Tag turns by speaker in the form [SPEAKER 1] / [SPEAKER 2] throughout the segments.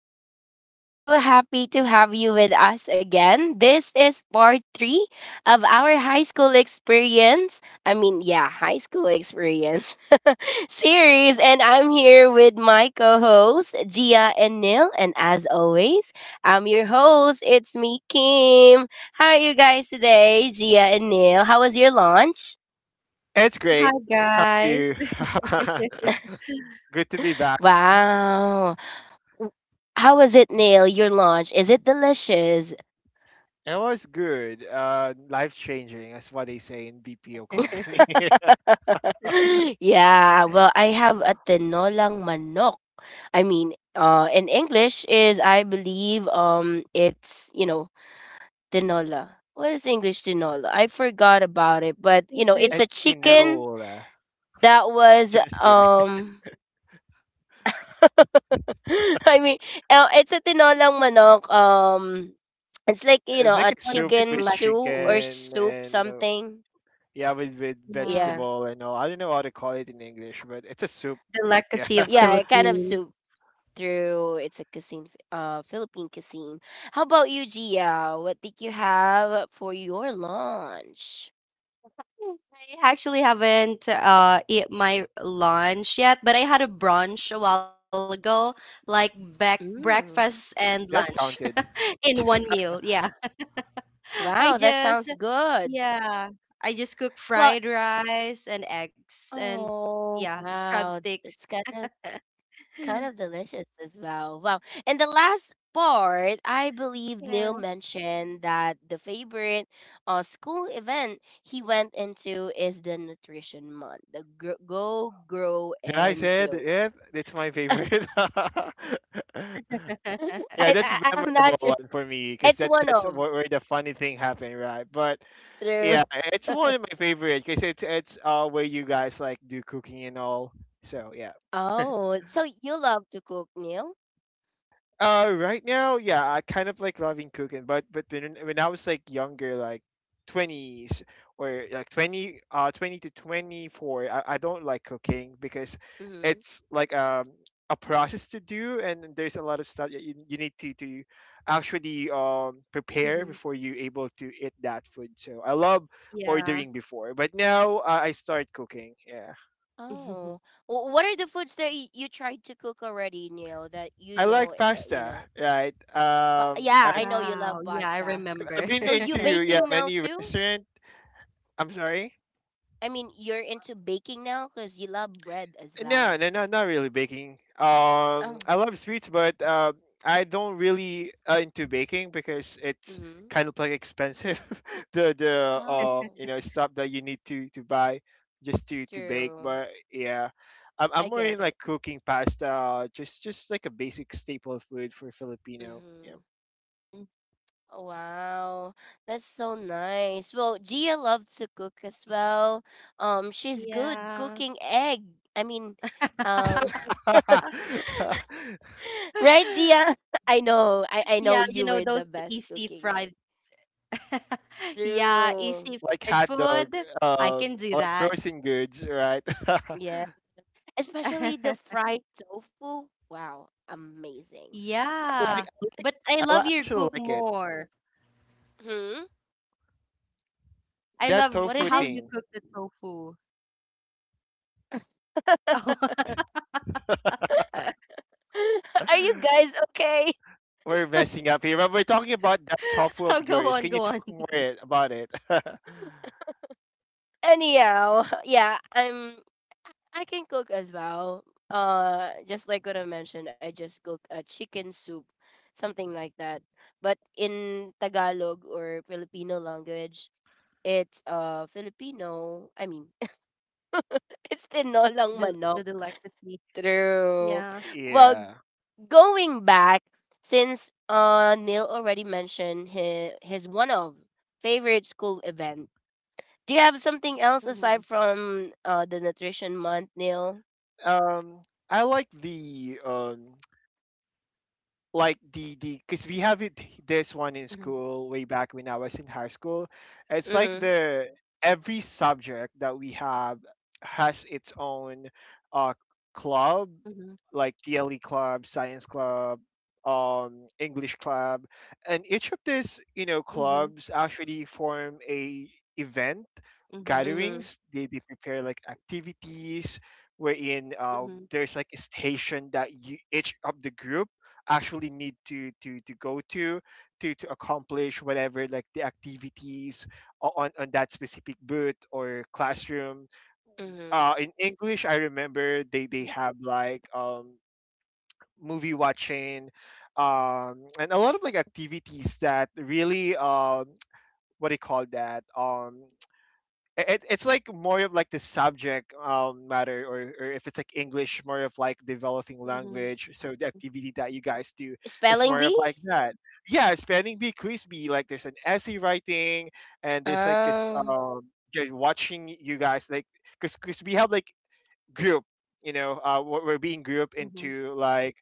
[SPEAKER 1] everyone. We're so happy to have you with us again. This is part three of our high school experience. I mean, yeah, high school experience series. And I'm here with my co hosts, Gia and Neil. And as always, I'm your host. It's me, Kim. How are you guys today, Gia and Neil? How was your lunch?
[SPEAKER 2] It's
[SPEAKER 3] Hi
[SPEAKER 2] great. How are
[SPEAKER 3] guys.
[SPEAKER 2] you?
[SPEAKER 3] I
[SPEAKER 2] Good to be back.
[SPEAKER 1] Wow. w- How was it, Neil? Your lunch? Is it delicious?
[SPEAKER 2] It was good. Life changing. That's what they say in BPO company.
[SPEAKER 1] Yeah, well, I have a tinolang manok. I mean, in English is I believe it's tinola. What is English tinola? I forgot about it, but
[SPEAKER 3] think there's
[SPEAKER 1] it's a
[SPEAKER 2] It's
[SPEAKER 3] I think
[SPEAKER 1] chicken
[SPEAKER 2] tinola.
[SPEAKER 1] that was
[SPEAKER 2] Just kidding.
[SPEAKER 1] um I mean it's a tinolang manok. It's like
[SPEAKER 2] It's like
[SPEAKER 1] a
[SPEAKER 2] a
[SPEAKER 3] one of the
[SPEAKER 2] soup
[SPEAKER 1] chicken
[SPEAKER 2] with
[SPEAKER 1] stew
[SPEAKER 3] delicacies.
[SPEAKER 1] or
[SPEAKER 2] chicken
[SPEAKER 1] soup
[SPEAKER 2] and
[SPEAKER 1] something.
[SPEAKER 2] yeah, with
[SPEAKER 3] Yeah.
[SPEAKER 1] Yeah,
[SPEAKER 2] vegetable and all. I don't know how to call it in English, but it's a soup. Yeah,
[SPEAKER 3] Delicacy of
[SPEAKER 1] yeah, a kind of
[SPEAKER 3] Philippines.
[SPEAKER 1] soup. Through it's a cuisine, Philippine cuisine. How about you, Gia? What did you have for your lunch?
[SPEAKER 3] I actually haven't eat my lunch yet, but I had a brunch a while ago, like back breakfast
[SPEAKER 1] Mm.
[SPEAKER 3] and lunch
[SPEAKER 2] that counted.
[SPEAKER 3] in one meal. Yeah. I
[SPEAKER 1] Wow, that
[SPEAKER 3] just
[SPEAKER 1] sounds good.
[SPEAKER 3] yeah, I just cook fried
[SPEAKER 1] Well,
[SPEAKER 3] rice and eggs and
[SPEAKER 1] oh
[SPEAKER 3] yeah, crab
[SPEAKER 1] wow,
[SPEAKER 3] sticks.
[SPEAKER 1] it's kind of kind of delicious as well. Wow, and the last
[SPEAKER 3] Yeah.
[SPEAKER 1] part, I believe Neil mentioned that the favorite school event he went into is the nutrition month, the go grow
[SPEAKER 2] Did I
[SPEAKER 1] and
[SPEAKER 2] said it?
[SPEAKER 1] glow.
[SPEAKER 2] Yep, it's my favorite. Yeah,
[SPEAKER 1] I,
[SPEAKER 2] that's a
[SPEAKER 1] I I'm not
[SPEAKER 2] memorable
[SPEAKER 1] sure.
[SPEAKER 2] one for me because
[SPEAKER 1] It's
[SPEAKER 2] that
[SPEAKER 1] one
[SPEAKER 2] that's wh-
[SPEAKER 1] of
[SPEAKER 2] where the funny thing happened, right? But
[SPEAKER 1] true.
[SPEAKER 2] yeah, it's one of my favorite because it's where you guys like do cooking and all. So yeah.
[SPEAKER 1] Oh, so you love to cook, Neil?
[SPEAKER 2] Right now, yeah, I kind of like loving cooking, but when I was like younger, like twenties or like twenty, twenty to twenty four, I don't like cooking because
[SPEAKER 1] Mm-hmm.
[SPEAKER 2] it's like a process to do, and there's a lot of stuff that you need to actually prepare
[SPEAKER 3] Hmm.
[SPEAKER 2] before you able to eat that food. So I love
[SPEAKER 3] Yeah.
[SPEAKER 2] ordering before, but now I start cooking. Yeah.
[SPEAKER 1] Oh, What are the foods that you tried to cook already, Neil? That, you
[SPEAKER 2] I
[SPEAKER 1] know,
[SPEAKER 2] like
[SPEAKER 1] you
[SPEAKER 2] pasta,
[SPEAKER 1] know.
[SPEAKER 2] right?
[SPEAKER 1] But yeah, I know you
[SPEAKER 3] Wow.
[SPEAKER 1] love
[SPEAKER 3] Yeah, I
[SPEAKER 1] pasta.
[SPEAKER 3] remember.
[SPEAKER 2] I've been
[SPEAKER 1] So you
[SPEAKER 2] into yeah
[SPEAKER 1] baking now
[SPEAKER 2] many
[SPEAKER 1] too?
[SPEAKER 2] restaurant. I'm sorry.
[SPEAKER 1] I mean, you're into baking now because you love bread as
[SPEAKER 2] No,
[SPEAKER 1] well.
[SPEAKER 2] no, no, not really baking.
[SPEAKER 1] Oh.
[SPEAKER 2] I love sweets, but I don't really into baking because it's
[SPEAKER 1] Mm-hmm.
[SPEAKER 2] kind of like expensive. the the um
[SPEAKER 1] Oh,
[SPEAKER 2] you know stuff that you need to buy just to bake.
[SPEAKER 1] true.
[SPEAKER 2] But yeah, I'm
[SPEAKER 1] I
[SPEAKER 2] more in
[SPEAKER 1] get it.
[SPEAKER 2] like cooking pasta, just like a basic staple food for Filipino. Yeah,
[SPEAKER 1] Mm-hmm.
[SPEAKER 3] Hmm.
[SPEAKER 1] Wow, that's so nice. Well, Gia loves to cook as well. She's good cooking
[SPEAKER 3] Yeah.
[SPEAKER 1] egg. I mean, um, right, Gia? I know, I I
[SPEAKER 3] Yeah,
[SPEAKER 1] know
[SPEAKER 3] you know
[SPEAKER 1] you were
[SPEAKER 3] those
[SPEAKER 1] the best
[SPEAKER 3] easy
[SPEAKER 1] cooking
[SPEAKER 3] fried.
[SPEAKER 1] egg.
[SPEAKER 3] Yeah, easy
[SPEAKER 1] True.
[SPEAKER 2] like
[SPEAKER 3] fried
[SPEAKER 2] hot dog,
[SPEAKER 3] food. I can do
[SPEAKER 2] like
[SPEAKER 3] that.
[SPEAKER 2] frozen goods, right? I
[SPEAKER 1] Yeah, especially the fried tofu. Wow, amazing.
[SPEAKER 3] Yeah.
[SPEAKER 2] like
[SPEAKER 3] But I
[SPEAKER 2] I
[SPEAKER 3] love
[SPEAKER 2] li-
[SPEAKER 3] your
[SPEAKER 2] actually
[SPEAKER 3] cook
[SPEAKER 2] like it.
[SPEAKER 3] more.
[SPEAKER 1] Hmm.
[SPEAKER 3] I
[SPEAKER 2] That
[SPEAKER 3] love
[SPEAKER 1] What
[SPEAKER 2] tofu
[SPEAKER 1] is
[SPEAKER 3] how
[SPEAKER 1] it?
[SPEAKER 3] you
[SPEAKER 2] thing.
[SPEAKER 3] cook the tofu.
[SPEAKER 1] Are you guys
[SPEAKER 3] Oh, go
[SPEAKER 1] okay?
[SPEAKER 3] on, go on.
[SPEAKER 2] We're messing up here, but we're talking about that tofu of yours. Can you talk about it?
[SPEAKER 1] Anyhow, yeah, I can cook as well. Just like what I mentioned, I just cook a chicken soup, something like that. But in Tagalog or Filipino language, it's Filipino. I mean,
[SPEAKER 3] It's
[SPEAKER 1] it's
[SPEAKER 3] the
[SPEAKER 1] tinolang manok.
[SPEAKER 3] delicacy. Yeah.
[SPEAKER 1] True. Well,
[SPEAKER 2] Yeah.
[SPEAKER 1] going back, since Neil already mentioned his one of favorite school event, do you have something
[SPEAKER 3] Mm-hmm.
[SPEAKER 1] else aside from the nutrition month, Neil?
[SPEAKER 2] Um, I like the
[SPEAKER 3] Mm-hmm.
[SPEAKER 2] like the because we have it this one in school way back when I was in high school. It's like
[SPEAKER 1] Mhm.
[SPEAKER 2] the every subject that we have has its own uh
[SPEAKER 3] Mm-hmm.
[SPEAKER 2] club, like DLE club, science club, um, English club, and each of these you know
[SPEAKER 3] Mm-hmm.
[SPEAKER 2] clubs actually form a event
[SPEAKER 1] Mhm.
[SPEAKER 2] gatherings. They prepare like activities wherein
[SPEAKER 3] Mm-hmm.
[SPEAKER 2] there's like a station that you each of the group actually need to go to to accomplish whatever like the activities on that specific booth or classroom
[SPEAKER 1] Mhm.
[SPEAKER 2] in english I remember they have like movie watching, um, and a lot of like activities that really
[SPEAKER 3] Mm-hmm.
[SPEAKER 2] what do you call that it's like more of like the subject matter, or if it's like English, more
[SPEAKER 3] Mhm.
[SPEAKER 2] of like developing language. So the activity that you guys do is
[SPEAKER 1] Spelling
[SPEAKER 2] more
[SPEAKER 1] bee?
[SPEAKER 2] of like that. Yeah, spelling bee, quiz bee. Like there's an essay
[SPEAKER 3] Wow.
[SPEAKER 2] writing, and there's like
[SPEAKER 1] Oh.
[SPEAKER 2] just watching you guys like because we have like group you know we're being grouped
[SPEAKER 3] Mhm.
[SPEAKER 2] into like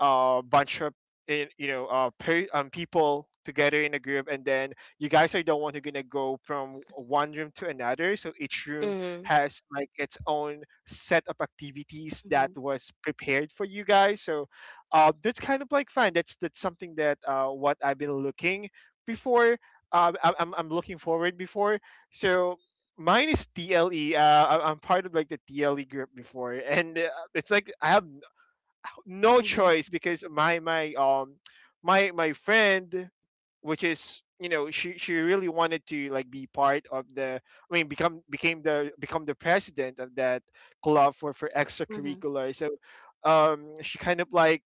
[SPEAKER 2] a bunch of you know
[SPEAKER 3] Mhm.
[SPEAKER 2] people together in a group and then you guys are the one who's gonna go from one room to another, so each room
[SPEAKER 1] Mhm.
[SPEAKER 3] Mhm.
[SPEAKER 2] has like its own set of activities that was prepared for you guys, so that's kind of like fun. That's something that what I've been looking before.
[SPEAKER 3] Mhm.
[SPEAKER 2] I'm looking forward before. So mine is TLE. I'm part of like the TLE group before, and it's like I
[SPEAKER 3] Mhm.
[SPEAKER 2] have no choice because my friend, which is you know she really wanted to like be part of the become the president of that club
[SPEAKER 3] Mhm.
[SPEAKER 2] for extracurricular, so um, she kind of like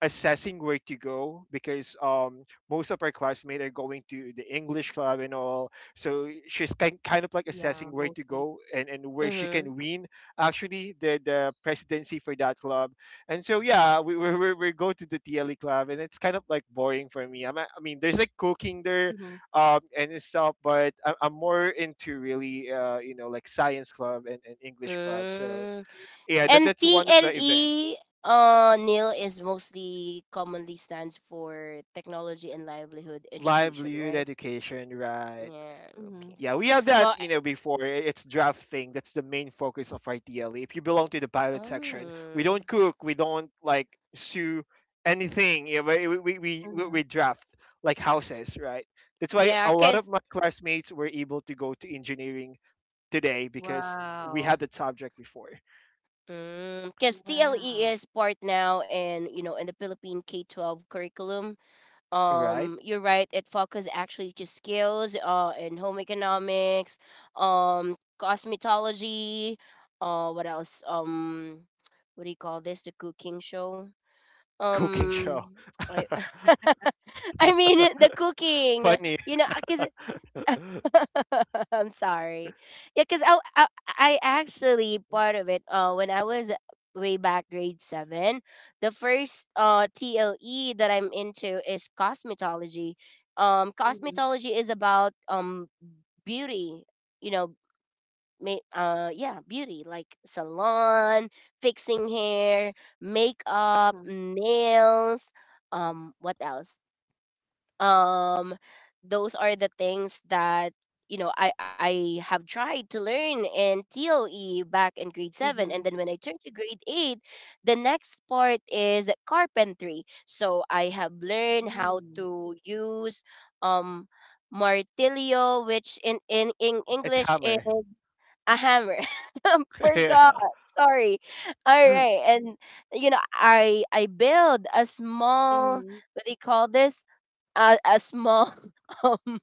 [SPEAKER 2] assessing where to go because um, most of our classmates are going to the English club and all, so she's kind of
[SPEAKER 3] Yeah,
[SPEAKER 2] like assessing
[SPEAKER 3] mostly.
[SPEAKER 2] where to go and where she
[SPEAKER 1] Mhm.
[SPEAKER 2] can win actually the presidency for that club. And so yeah, we go to the TLE club, and it's kind of like boring for me. I'm, a- I mean, There's like cooking there,
[SPEAKER 3] Mhm.
[SPEAKER 2] and stuff, but I'm more into really, you know, like science club and English club. So
[SPEAKER 1] Mm.
[SPEAKER 2] yeah,
[SPEAKER 3] Mhm.
[SPEAKER 2] that
[SPEAKER 1] And
[SPEAKER 2] that's one of the event.
[SPEAKER 1] TLE, Neil, is mostly commonly stands for technology and livelihood education,
[SPEAKER 2] Livelihood
[SPEAKER 1] right?
[SPEAKER 2] education, right?
[SPEAKER 1] Yeah,
[SPEAKER 3] Mhm.
[SPEAKER 1] okay.
[SPEAKER 2] Yeah, we have that,
[SPEAKER 1] Well, I-
[SPEAKER 2] you know, before. It's drafting. That's the main focus of our TLE. If you belong to the pilot section, we
[SPEAKER 1] um
[SPEAKER 2] don't cook, we don't like sue anything. Yeah, know, we, we, we, we
[SPEAKER 3] Mhm.
[SPEAKER 2] we draft like houses, right? That's why
[SPEAKER 1] yeah,
[SPEAKER 2] a lot of
[SPEAKER 1] cuz
[SPEAKER 2] my classmates were able to go to engineering today because we
[SPEAKER 3] Wow.
[SPEAKER 2] had that subject before,
[SPEAKER 1] Because TLE
[SPEAKER 3] Wow.
[SPEAKER 1] is part now, and in the Philippine K-12 curriculum,
[SPEAKER 2] right?
[SPEAKER 1] you're right, it focuses actually to skills in home economics, cosmetology, what else, what do you call this, the cooking show,
[SPEAKER 2] Cooking show.
[SPEAKER 1] um I I mean the cooking,
[SPEAKER 2] Funny.
[SPEAKER 1] because I'm sorry. Yeah, because I actually part of it. When I was way back grade 7, the first TLE that I'm into is cosmetology.
[SPEAKER 3] Mhm.
[SPEAKER 1] Cosmetology is about beauty. You know, yeah, beauty like salon, fixing hair, makeup,
[SPEAKER 3] Mhm.
[SPEAKER 1] nails. What else? um those are the things that I have tried to learn in toe back in grade 7, and then
[SPEAKER 3] Mhm.
[SPEAKER 1] when I turned to grade 8, the next part is carpentry, so I have learned how
[SPEAKER 3] Mm.
[SPEAKER 1] to use um martillo, which in
[SPEAKER 2] It's
[SPEAKER 1] English is
[SPEAKER 2] hammer.
[SPEAKER 1] a hammer. Forgot,
[SPEAKER 2] Yeah.
[SPEAKER 1] sorry. All right, and I build a small,
[SPEAKER 3] Mhm.
[SPEAKER 1] what do you call this, a small um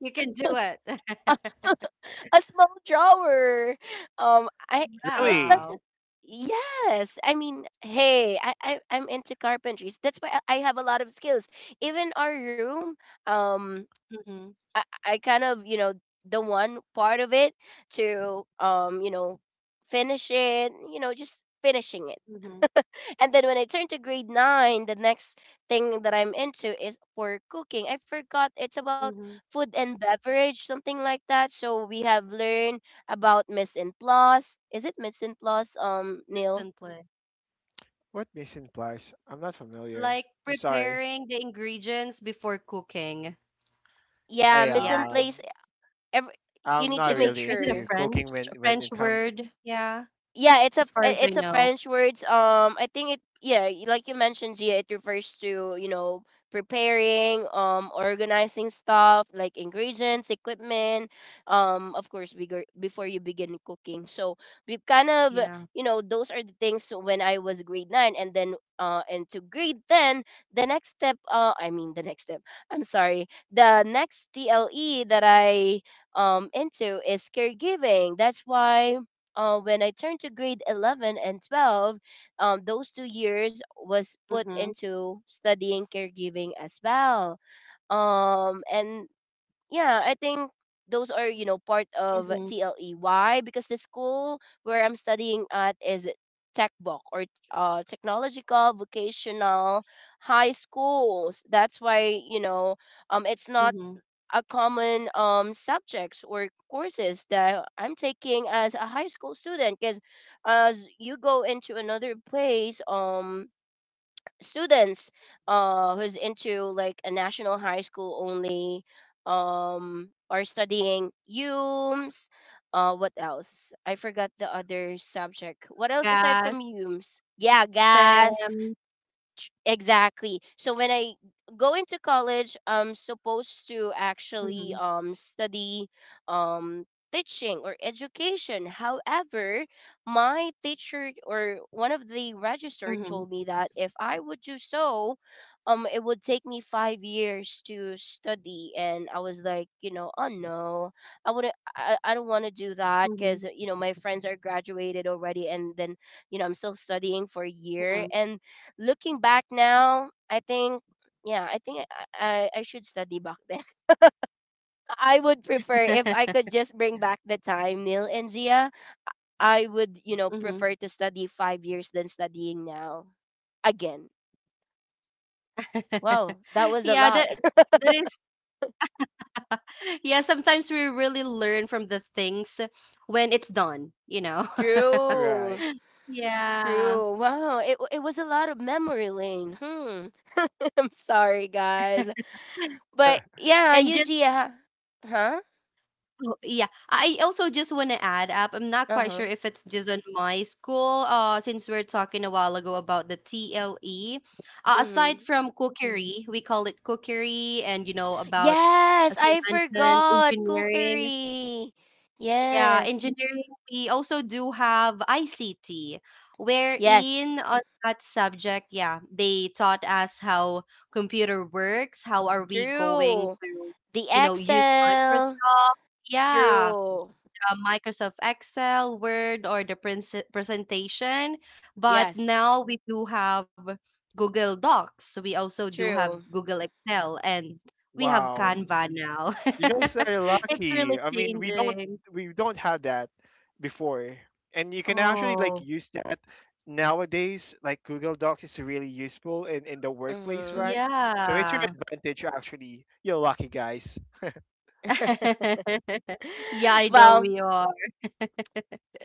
[SPEAKER 3] You can do it.
[SPEAKER 1] a small drawer. I It's like
[SPEAKER 2] Really?
[SPEAKER 3] Wow.
[SPEAKER 1] yes, I mean, hey, I'm into carpentries, that's why I have a lot of skills, even our room, um
[SPEAKER 3] Mhm.
[SPEAKER 1] I kind of, you know, the one part of it, to, you know, finish it, you know, just finishing it.
[SPEAKER 3] Mhm.
[SPEAKER 1] And then when I turned to grade 9, the next thing that I'm into is for cooking. I forgot, it's about
[SPEAKER 3] Mhm.
[SPEAKER 1] food and beverage, something like that. So we have learned about mise en place. Is it mise en place,
[SPEAKER 3] It's
[SPEAKER 1] Neil?
[SPEAKER 3] simply
[SPEAKER 2] What mission implies? I'm not familiar.
[SPEAKER 3] like
[SPEAKER 2] I'm sorry.
[SPEAKER 3] preparing the ingredients before cooking.
[SPEAKER 1] Yeah,
[SPEAKER 2] I
[SPEAKER 1] mise
[SPEAKER 3] Yeah,
[SPEAKER 1] en place.
[SPEAKER 2] um.
[SPEAKER 1] Every, you
[SPEAKER 2] I'm
[SPEAKER 1] need
[SPEAKER 2] not
[SPEAKER 1] to
[SPEAKER 3] it's a
[SPEAKER 1] make
[SPEAKER 2] really
[SPEAKER 3] is it a
[SPEAKER 2] into
[SPEAKER 1] sure.
[SPEAKER 2] cooking when
[SPEAKER 3] French
[SPEAKER 2] it comes.
[SPEAKER 3] word? Yeah,
[SPEAKER 1] Yeah, it's a
[SPEAKER 3] as far as I
[SPEAKER 1] it's a
[SPEAKER 3] know.
[SPEAKER 1] French words. I think it, yeah, like you mentioned, Gia, it refers to preparing, organizing stuff like ingredients, equipment, of course, bigger before you begin cooking. So we kind
[SPEAKER 3] Yeah.
[SPEAKER 1] of those are the things when I was grade 9, and then into grade 10, the next step. I mean the next step. I'm sorry. The next TLE that I into is caregiving. That's why when I turned to grade 11 and 12, those 2 years was
[SPEAKER 3] Mm-hmm.
[SPEAKER 1] put into studying caregiving as well. And yeah, I think those are, you know, part
[SPEAKER 3] Mm-hmm.
[SPEAKER 1] of TLE. Why? Because the school where I'm studying at is tech book, or technological vocational high schools, that's why it's
[SPEAKER 3] Mm-hmm.
[SPEAKER 1] not a common subjects or courses that I'm taking as a high school student, because as you go into another place, students who's into like a national high school only are studying UMS, what else, I forgot the other subject, what else aside from
[SPEAKER 3] Gas,
[SPEAKER 1] UMS, yeah, gas.
[SPEAKER 3] stem.
[SPEAKER 1] Exactly. So when I go into college, I'm supposed to actually
[SPEAKER 3] Mm-hmm.
[SPEAKER 1] study um teaching or education. However, my teacher, or one of the registered, told me
[SPEAKER 3] Mm-hmm.
[SPEAKER 1] that if I would do so, it would take me 5 years to study, and I was like, you know, oh no. I wouldn't, I don't want to do that,
[SPEAKER 3] Mm-hmm.
[SPEAKER 1] cuz you know, my friends are graduated already, and then you know, I'm still studying for a year. And looking back now, I think, yeah, I think I should study back then. I would
[SPEAKER 3] Mm-hmm.
[SPEAKER 1] prefer if I could just bring back the time, Neil and Zia. I would, you know,
[SPEAKER 3] Mm-hmm.
[SPEAKER 1] prefer to study 5 years than studying now again. Wow, that was a
[SPEAKER 3] Yeah,
[SPEAKER 1] lot.
[SPEAKER 3] that that is yeah, sometimes we really learn from the things when it's done, you know.
[SPEAKER 1] True.
[SPEAKER 2] Right.
[SPEAKER 3] Yeah.
[SPEAKER 1] True. Wow, it it was a lot of memory lane. Hmm. I'm sorry, guys, but yeah,
[SPEAKER 3] And just
[SPEAKER 1] Yuji. Huh?
[SPEAKER 3] oh, yeah. I also just want to add up. I'm not
[SPEAKER 1] Uh
[SPEAKER 3] quite
[SPEAKER 1] huh.
[SPEAKER 3] sure if it's just on my school, since we're talking a while ago about the TLE. Aside
[SPEAKER 1] Mhm.
[SPEAKER 3] from cookery, we call it cookery, and you know, about,
[SPEAKER 1] Yes,
[SPEAKER 3] as you
[SPEAKER 1] I
[SPEAKER 3] mentioned,
[SPEAKER 1] forgot
[SPEAKER 3] engineering.
[SPEAKER 1] cookery.
[SPEAKER 3] Yeah,
[SPEAKER 1] Yes,
[SPEAKER 3] engineering. We also do have ICT, wherein
[SPEAKER 1] yes,
[SPEAKER 3] on that subject, yeah, they taught us how computer works, how are we going
[SPEAKER 1] true.
[SPEAKER 3] to,
[SPEAKER 1] The
[SPEAKER 3] you know, use Microsoft.
[SPEAKER 1] Excel,
[SPEAKER 3] Yeah,
[SPEAKER 1] true.
[SPEAKER 3] Microsoft Excel, Word, or the presen- presentation. But
[SPEAKER 1] Yes,
[SPEAKER 3] now we do have Google Docs. We also do have
[SPEAKER 1] true.
[SPEAKER 3] Google Excel, and we have
[SPEAKER 2] Wow.
[SPEAKER 3] Canva now.
[SPEAKER 2] You guys are
[SPEAKER 3] It's really
[SPEAKER 2] lucky. I mean, we don't
[SPEAKER 3] changing.
[SPEAKER 2] we don't have that before. And you can actually like
[SPEAKER 3] Oh,
[SPEAKER 2] use that nowadays. Like Google Docs is really useful in the workplace,
[SPEAKER 1] Mm-hmm.
[SPEAKER 2] right? So it's your
[SPEAKER 3] yeah.
[SPEAKER 2] advantage actually. You're lucky, guys.
[SPEAKER 3] Yeah, I know
[SPEAKER 1] Well,
[SPEAKER 3] we are.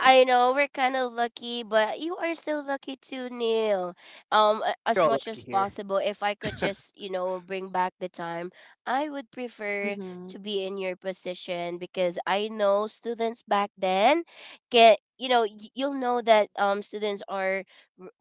[SPEAKER 1] I know we're kind of lucky, but you are still lucky too, Neil. As
[SPEAKER 2] You're
[SPEAKER 1] much
[SPEAKER 2] lucky
[SPEAKER 1] as
[SPEAKER 2] here.
[SPEAKER 1] possible, if I could just, you know, bring back the time, I would prefer
[SPEAKER 3] Mm-hmm.
[SPEAKER 1] to be in your position because I know students back then get, you know, you'll know that students are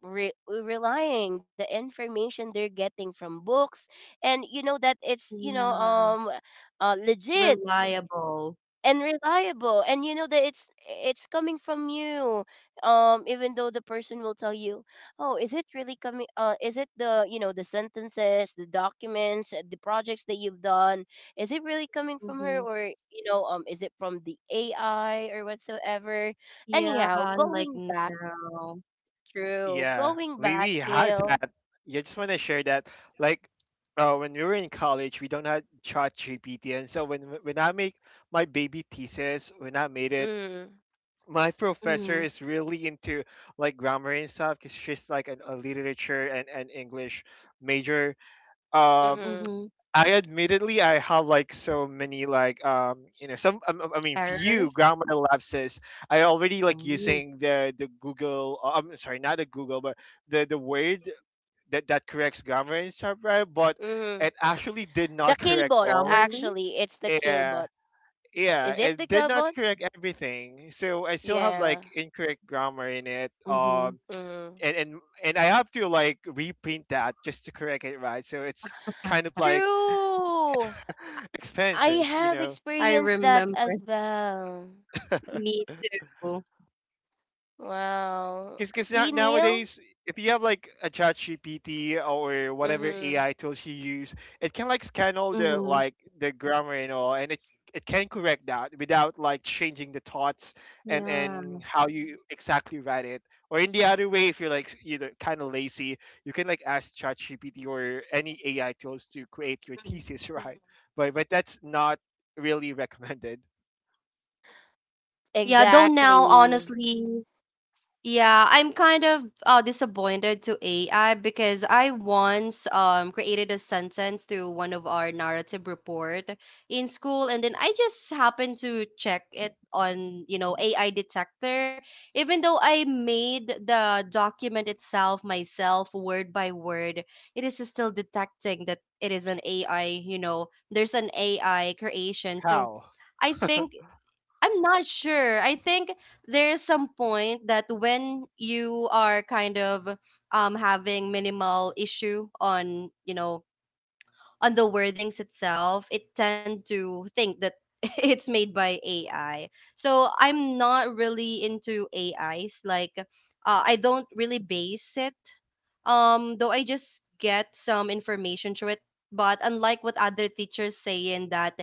[SPEAKER 1] relying the information they're getting from books, and you know that it's, you know,
[SPEAKER 3] Yeah,
[SPEAKER 1] legit
[SPEAKER 3] reliable.
[SPEAKER 1] and reliable, and you know that it's coming from you, even though the person will tell you, oh, is it really coming, is it the, you know, the sentences, the documents, the projects that you've done, is it really coming from her,
[SPEAKER 3] Mm-hmm.
[SPEAKER 1] or you know, is it from the AI or whatsoever.
[SPEAKER 3] Yeah,
[SPEAKER 1] Anyhow,
[SPEAKER 3] like
[SPEAKER 1] going back,
[SPEAKER 3] now.
[SPEAKER 1] through
[SPEAKER 2] Yeah,
[SPEAKER 1] going
[SPEAKER 2] we
[SPEAKER 1] back,
[SPEAKER 2] we had
[SPEAKER 1] Neil.
[SPEAKER 2] that. Yeah, I just want to share that. Like, when we were in college, we don't have Chat GPT, and so when I make my baby thesis, when I made it,
[SPEAKER 1] Mm,
[SPEAKER 2] my
[SPEAKER 3] Mm-hmm.
[SPEAKER 2] professor is really into like grammar and stuff because she's like a literature and English major. Um,
[SPEAKER 1] mm-hmm,
[SPEAKER 3] Mm-hmm.
[SPEAKER 2] I admittedly I have like so many like you know some I mean few
[SPEAKER 3] Errors.
[SPEAKER 2] grammar lapses. I already like
[SPEAKER 3] Oh.
[SPEAKER 2] using the Google. I'm sorry, not the Google, but the word that corrects grammar and stuff, right? But
[SPEAKER 1] mm-hmm.
[SPEAKER 2] it actually did
[SPEAKER 1] The
[SPEAKER 2] not correct
[SPEAKER 3] Grammarly.
[SPEAKER 1] killbot,
[SPEAKER 2] all.
[SPEAKER 1] actually, it's the
[SPEAKER 2] Yeah,
[SPEAKER 1] killbot.
[SPEAKER 2] yeah,
[SPEAKER 1] Is it the
[SPEAKER 2] it did not
[SPEAKER 1] killbot?
[SPEAKER 2] correct everything. So I still have like
[SPEAKER 1] Yeah,
[SPEAKER 2] incorrect grammar in it.
[SPEAKER 3] Mm-hmm.
[SPEAKER 2] Um,
[SPEAKER 1] mm-hmm.
[SPEAKER 2] and and and I have to like reprint that just to correct it, right? So it's kind of like
[SPEAKER 1] True. I
[SPEAKER 2] expenses, you
[SPEAKER 1] have
[SPEAKER 3] I
[SPEAKER 2] know.
[SPEAKER 1] experienced
[SPEAKER 3] remember.
[SPEAKER 1] that as well.
[SPEAKER 3] Me too.
[SPEAKER 1] Wow.
[SPEAKER 2] Because now,
[SPEAKER 1] See, Neil?
[SPEAKER 2] nowadays, if you have like a chat GPT or whatever
[SPEAKER 1] Mm-hmm.
[SPEAKER 2] AI tools you use, it can like scan all the
[SPEAKER 3] Mm-hmm.
[SPEAKER 2] like the grammar and all, and it can correct that without like changing the thoughts and
[SPEAKER 3] Yeah.
[SPEAKER 2] how you exactly write it. Or in the other way, if you're like you know kind of lazy, you can like ask chat GPT or any AI tools to create your
[SPEAKER 3] Mhm.
[SPEAKER 2] thesis, right? But that's not really recommended.
[SPEAKER 3] Yeah, though now,
[SPEAKER 1] Exactly.
[SPEAKER 3] honestly, yeah, I'm kind of disappointed to AI because I once created a sentence to one of our narrative report in school, and then I just happened to check it on you know AI detector. Even though I made the document itself myself word by word, it is still detecting that it is an AI. You know, there's an AI creation. So
[SPEAKER 2] How?
[SPEAKER 3] I think I'm not sure. I think there's some point that when you are kind of having minimal issue on, you know, on the wordings itself, it tend to think that it's made by AI. So I'm not really into AIs. Like, I don't really base it. Though I just get some information through it. But unlike what other teachers saying that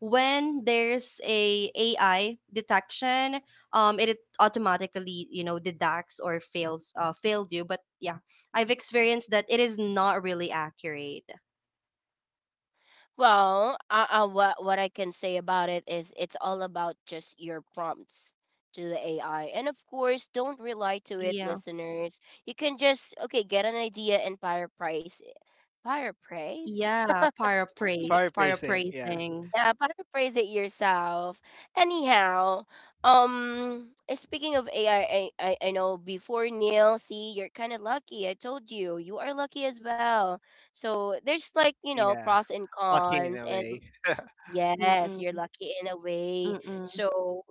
[SPEAKER 3] when there's a AI detection, it automatically you know deducts or fails failed you. But yeah, I've experienced that it is not really accurate.
[SPEAKER 1] Well, what I can say about it is it's all about just your prompts to the AI. And of course, don't rely to it,
[SPEAKER 3] Yeah.
[SPEAKER 1] listeners. You can just, okay, get an idea and paraphrase it. Paraphrase?
[SPEAKER 3] Yeah,
[SPEAKER 1] Yeah,
[SPEAKER 2] Fire
[SPEAKER 3] paraphrase,
[SPEAKER 2] pacing, yeah,
[SPEAKER 3] paraphrasing.
[SPEAKER 1] yeah, paraphrase it yourself. Anyhow, speaking of AI, I know before Neil, see, you're kind of lucky. I told you, you are lucky as well. So there's like, you know,
[SPEAKER 2] yeah.
[SPEAKER 1] pros and
[SPEAKER 2] Lucky in
[SPEAKER 1] cons,
[SPEAKER 2] a
[SPEAKER 1] and
[SPEAKER 2] way.
[SPEAKER 1] yes, you're
[SPEAKER 3] Mm-mm,
[SPEAKER 1] lucky in a way.
[SPEAKER 3] mm-mm.
[SPEAKER 1] So,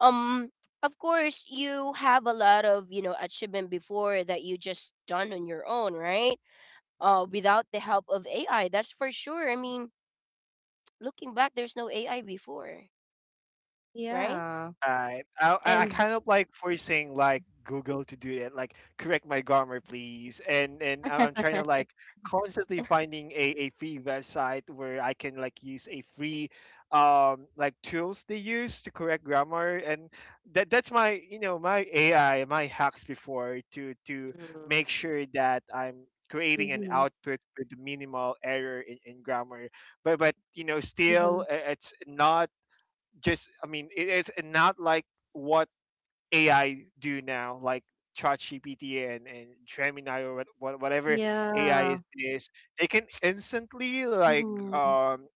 [SPEAKER 1] um, of course, you have a lot of, you know, achievement before that you just done on your own, right? Without the help of AI, that's for sure. I mean, looking back, there's no AI before, right?
[SPEAKER 3] Yeah.
[SPEAKER 2] Right. I
[SPEAKER 3] And
[SPEAKER 2] kind of like forcing like Google to do it, like correct my grammar, please. And I'm trying to like constantly finding a free website where I can like use a free like tools they use to correct grammar. And that's my you know my AI, my hacks before to
[SPEAKER 1] Hmm.
[SPEAKER 2] make sure that I'm creating
[SPEAKER 3] mm-hmm,
[SPEAKER 2] an output with minimal error in grammar. But you know
[SPEAKER 3] mm-hmm.
[SPEAKER 2] still it's not just it is not like what AI do now, like ChatGPT and Gemini or whatever AI is,
[SPEAKER 3] Yeah.
[SPEAKER 2] they can instantly like
[SPEAKER 3] Mm-hmm,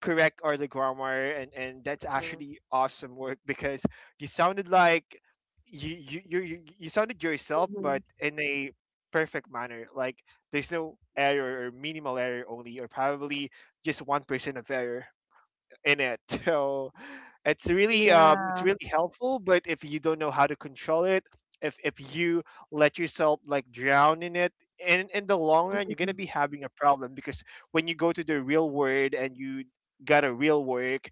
[SPEAKER 2] correct all the grammar and that's
[SPEAKER 1] Hmm.
[SPEAKER 2] actually awesome work because you sounded like you sounded yourself but
[SPEAKER 3] mm-hmm.
[SPEAKER 2] in a perfect manner, like there's no error or minimal error only, or probably just 1% of error in it. So it's
[SPEAKER 3] Yeah.
[SPEAKER 2] really helpful. But if you don't know how to control it, if you let yourself like drown in it, in the long run, you're gonna be
[SPEAKER 3] Mm-hmm,
[SPEAKER 2] having a problem because when you go to the real world and you got a real work,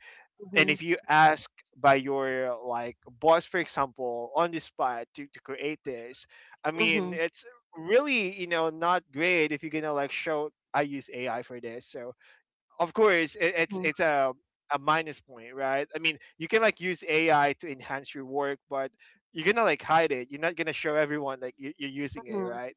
[SPEAKER 2] and if
[SPEAKER 3] mm-hmm,
[SPEAKER 2] you ask by your like boss for example on the spot to create this
[SPEAKER 3] mm-hmm,
[SPEAKER 2] it's really you know not great if you're gonna like show I use AI for this. So of course it's a minus point, right? I mean you can like use AI to enhance your work but you're gonna like hide it, you're not gonna show everyone like you're using it,
[SPEAKER 3] mm-hmm,
[SPEAKER 2] right?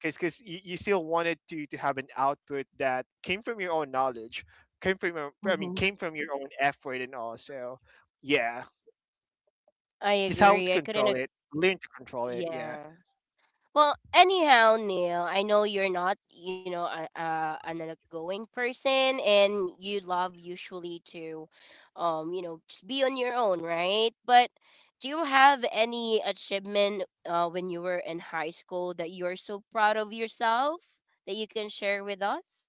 [SPEAKER 2] Because you, you still wanted to have an output that came from your own knowledge, came from your
[SPEAKER 3] mm-hmm,
[SPEAKER 2] came from your own effort and all. So yeah,
[SPEAKER 1] I
[SPEAKER 2] just how to
[SPEAKER 1] agree. I couldn't.
[SPEAKER 2] control it, learn to control it, yeah.
[SPEAKER 1] Yeah. Well, anyhow, Neil, I know you're not, you know, a, an outgoing person, and you love usually to, you know, just be on your own, right? But do you have any achievement when you were in high school that you're so proud of yourself that you can share with us?